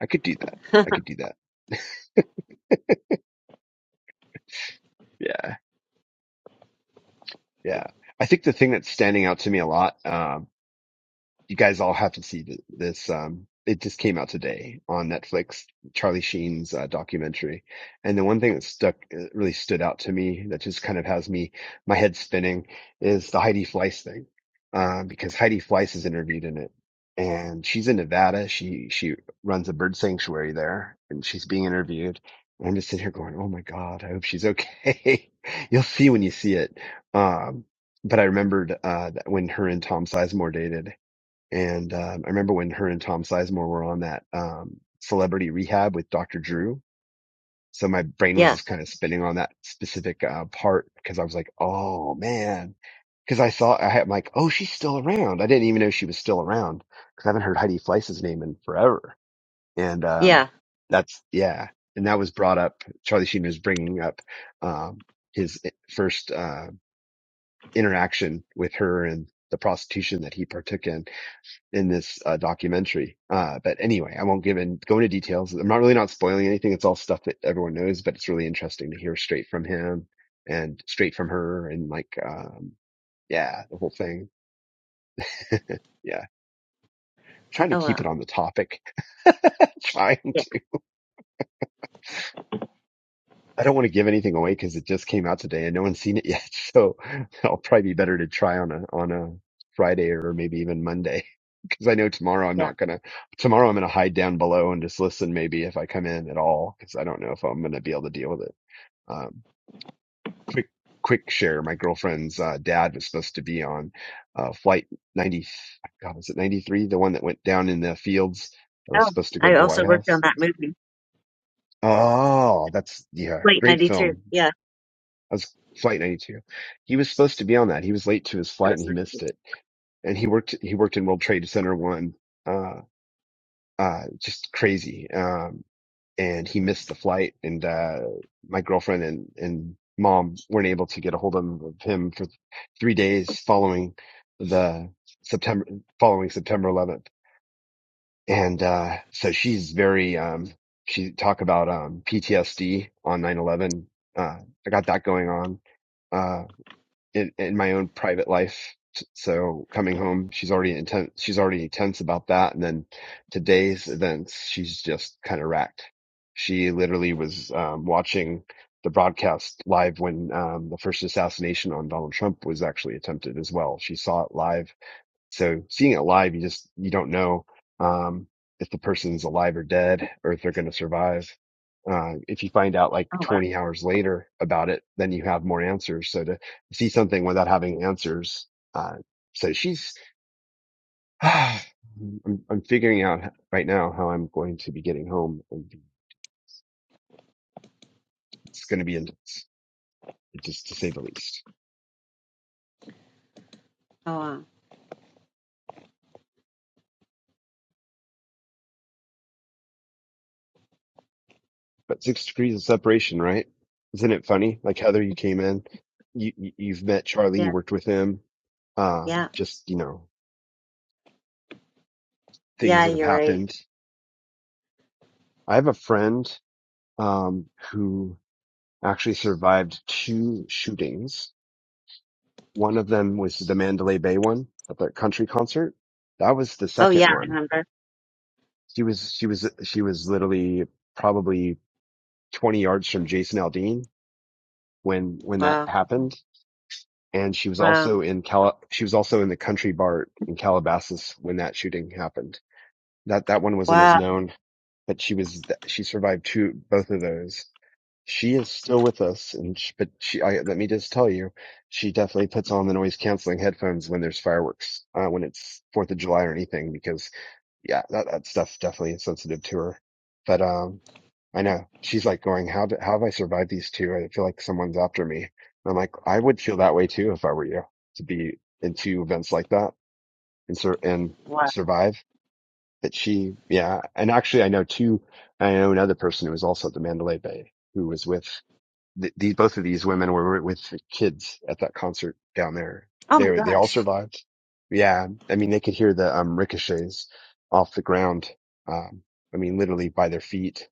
[SPEAKER 2] I could do that. I could do that. Yeah. Yeah. I think the thing that's standing out to me a lot, um, you guys all have to see th- this. Um, it just came out today on Netflix, Charlie Sheen's uh, documentary. And the one thing that stuck, uh, really stood out to me that just kind of has me, my head spinning is the Heidi Fleiss thing. Uh, because Heidi Fleiss is interviewed in it and she's in Nevada. She, she runs a bird sanctuary there and she's being interviewed. And I'm just sitting here going, Oh my God, I hope she's okay. You'll see when you see it. Um, but I remembered, uh, that when her and Tom Sizemore dated and um, I remember when her and Tom Sizemore were on that um, celebrity rehab with Dr. Drew. So my brain was
[SPEAKER 3] Yeah.
[SPEAKER 2] just kind of spinning on that specific uh, part because I was like, oh man. Because I saw, I had, I'm like, oh, she's still around. I didn't even know she was still around because I haven't heard Heidi Fleiss's name in forever. And um,
[SPEAKER 3] Yeah.
[SPEAKER 2] that's, yeah. And that was brought up. Charlie Sheen was bringing up um, his eh, first uh, interaction with her and the prostitution that he partook in in this uh, documentary. Uh, but anyway, I won't give in, go into details. I'm not really not spoiling anything. It's all stuff that everyone knows, but it's really interesting to hear straight from him and straight from her and like, um, yeah, the whole thing. Yeah. I'm Trying to
[SPEAKER 3] Oh,
[SPEAKER 2] keep it
[SPEAKER 3] wow.
[SPEAKER 2] on the topic. Trying
[SPEAKER 3] Yeah.
[SPEAKER 2] to. I don't want to give anything away because it just came out today and no one's seen it yet. So I'll probably be better to try on a, on a Friday or maybe even Monday. because I know tomorrow I'm
[SPEAKER 3] Yeah.
[SPEAKER 2] not gonna. Tomorrow I'm gonna hide down below and just listen, maybe if I come in at all, because I don't know if I'm gonna be able to deal with it. Um, quick, quick share. My girlfriend's uh, dad was supposed to be on uh, flight 90. God, was it 93? The one that went down in the fields that was
[SPEAKER 3] Oh,
[SPEAKER 2] supposed to go to
[SPEAKER 3] I
[SPEAKER 2] the
[SPEAKER 3] also
[SPEAKER 2] White
[SPEAKER 3] worked on
[SPEAKER 2] House.
[SPEAKER 3] that movie.
[SPEAKER 2] Oh, that's yeah,
[SPEAKER 3] Late
[SPEAKER 2] great
[SPEAKER 3] 92.
[SPEAKER 2] film.
[SPEAKER 3] Yeah.
[SPEAKER 2] That was flight 92. He was supposed to be on that. He was late to his
[SPEAKER 3] It
[SPEAKER 2] flight and
[SPEAKER 3] was
[SPEAKER 2] he
[SPEAKER 3] 92.
[SPEAKER 2] missed it. And he worked. He worked in World Trade Center One. Uh, uh, just crazy. Um, and he missed the flight and uh my girlfriend and and mom weren't able to get a hold of him for 3 days following the September following September 11th and uh so she's very um she talk about um PTSD on 9/11 uh I got that going on Uh, in, in my own private life. So coming home, she's already intense. She's already tense about that. And then today's events, she's just kind of racked. She literally was um, watching the broadcast live when um, the first assassination on Donald Trump was actually attempted as well. She saw it live so seeing it live, you just you don't know um, if the person's alive or dead, or if they're going to survive. Uh, if you find out like
[SPEAKER 3] Oh, wow.
[SPEAKER 2] 20 hours later about it, then you have more answers. So to see something without having answers, uh, so she's, I'm, I'm figuring out right now how I'm going going to to to be be getting home, and it's going to be intense, just to say the least.
[SPEAKER 3] Oh, wow.
[SPEAKER 2] But six degrees of separation, right? Isn't it funny? Like Heather, you came in, you, you- you've met Charlie, you
[SPEAKER 3] Yeah.
[SPEAKER 2] worked with him, um,
[SPEAKER 3] Yeah.
[SPEAKER 2] just, you know, things
[SPEAKER 3] Yeah.
[SPEAKER 2] that have
[SPEAKER 3] You're right.
[SPEAKER 2] happened. I have a friend, um, who actually survived two shootings. One of them was the Mandalay Bay one at the country concert. That was the
[SPEAKER 3] Oh,
[SPEAKER 2] second
[SPEAKER 3] yeah. I
[SPEAKER 2] one.
[SPEAKER 3] remember.
[SPEAKER 2] She was, she was, she was literally probably 20 yards from Jason Aldean when, when that
[SPEAKER 3] Wow.
[SPEAKER 2] happened and she was
[SPEAKER 3] Wow.
[SPEAKER 2] also in Cal- she was also in the country bar in Calabasas when that shooting happened. That that one wasn't as
[SPEAKER 3] Wow.
[SPEAKER 2] known, but she was she survived two both of those. She is still with us, and sh but she I, let me just tell you, she definitely puts on the noise canceling headphones when there's fireworks, uh, when it's Fourth of July or anything, because yeah, that, that stuff's definitely insensitive to her. But um, I know she's like going, how do, how have I survived these two? I feel like someone's after me. And I'm like, I would feel that way too if I were you to be in two events like that and sur- and
[SPEAKER 3] Wow.
[SPEAKER 2] survive. That she, yeah, and actually I know two. I know another person who was also at the Mandalay Bay who was with th- these both of these women were with the kids at that concert down there.
[SPEAKER 3] Oh,
[SPEAKER 2] They
[SPEAKER 3] my
[SPEAKER 2] they all
[SPEAKER 3] gosh.
[SPEAKER 2] survived. Yeah, I mean they could hear the um, ricochets off the ground. Um, I mean literally by their feet.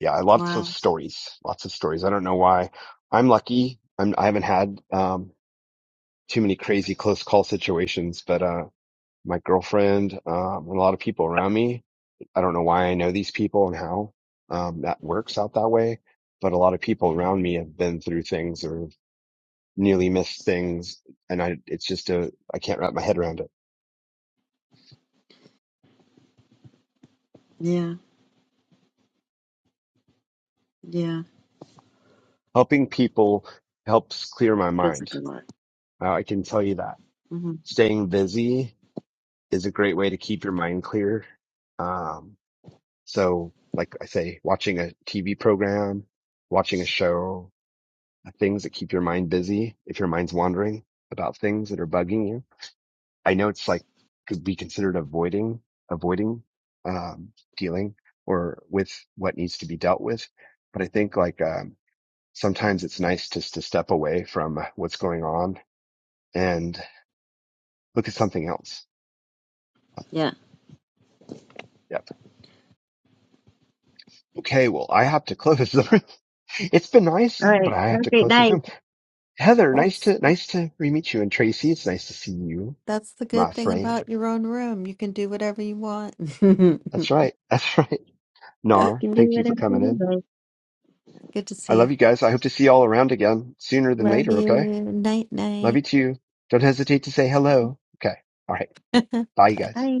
[SPEAKER 2] Yeah, lots of
[SPEAKER 3] Wow.
[SPEAKER 2] stories, lots of stories. I don't know why. I'm lucky. I'm I haven't had um, too many crazy close call situations, but uh, my girlfriend um, and a lot of people around me. I don't know why I know these people and how um, that works out that way but a lot of people around me have been through things or. nearly miss things and I it's just a I can't wrap my head around it.
[SPEAKER 3] Yeah. Yeah.
[SPEAKER 2] Helping people helps clear my
[SPEAKER 3] Feels
[SPEAKER 2] mind.
[SPEAKER 3] like a lot.
[SPEAKER 2] Uh, I can tell you that.
[SPEAKER 3] hmm
[SPEAKER 2] Staying busy is a great way to keep your mind clear. Um so like I say watching a TV program, watching a show, things that keep your mind busy if your mind's wandering about things that are bugging you I know it's like could be considered avoiding, avoiding, um, dealing or with what needs to be dealt with. But I think like, um, sometimes it's nice just to step away from what's going on and look at something else.
[SPEAKER 3] Yeah.
[SPEAKER 2] Yep. Okay. Well, I have to close the room. It's been
[SPEAKER 3] All
[SPEAKER 2] nice, but
[SPEAKER 3] right.
[SPEAKER 2] I
[SPEAKER 3] Have
[SPEAKER 2] have
[SPEAKER 3] a
[SPEAKER 2] to
[SPEAKER 3] great
[SPEAKER 2] close the
[SPEAKER 3] night.
[SPEAKER 2] room. Heather, nice
[SPEAKER 5] That's
[SPEAKER 2] to, nice to re-meet you. And Tracy, it's nice to see you,
[SPEAKER 5] that's the
[SPEAKER 2] my
[SPEAKER 5] good thing
[SPEAKER 2] friend.
[SPEAKER 5] about your own room. You can do whatever you want.
[SPEAKER 2] That's right. That's right.
[SPEAKER 3] You
[SPEAKER 5] good
[SPEAKER 2] Nar,
[SPEAKER 3] can do
[SPEAKER 2] thank you
[SPEAKER 3] whatever
[SPEAKER 2] for coming
[SPEAKER 3] you
[SPEAKER 2] in.
[SPEAKER 3] like.
[SPEAKER 5] to
[SPEAKER 2] I
[SPEAKER 5] see you.
[SPEAKER 2] love you guys. I hope to see you all around again sooner than
[SPEAKER 5] Love
[SPEAKER 2] later.
[SPEAKER 5] you.
[SPEAKER 2] Okay.
[SPEAKER 5] Night
[SPEAKER 2] Love you
[SPEAKER 5] night.
[SPEAKER 2] too. Don't hesitate to say hello. Okay. All right. Bye, you
[SPEAKER 5] Bye.
[SPEAKER 2] guys.
[SPEAKER 3] Bye.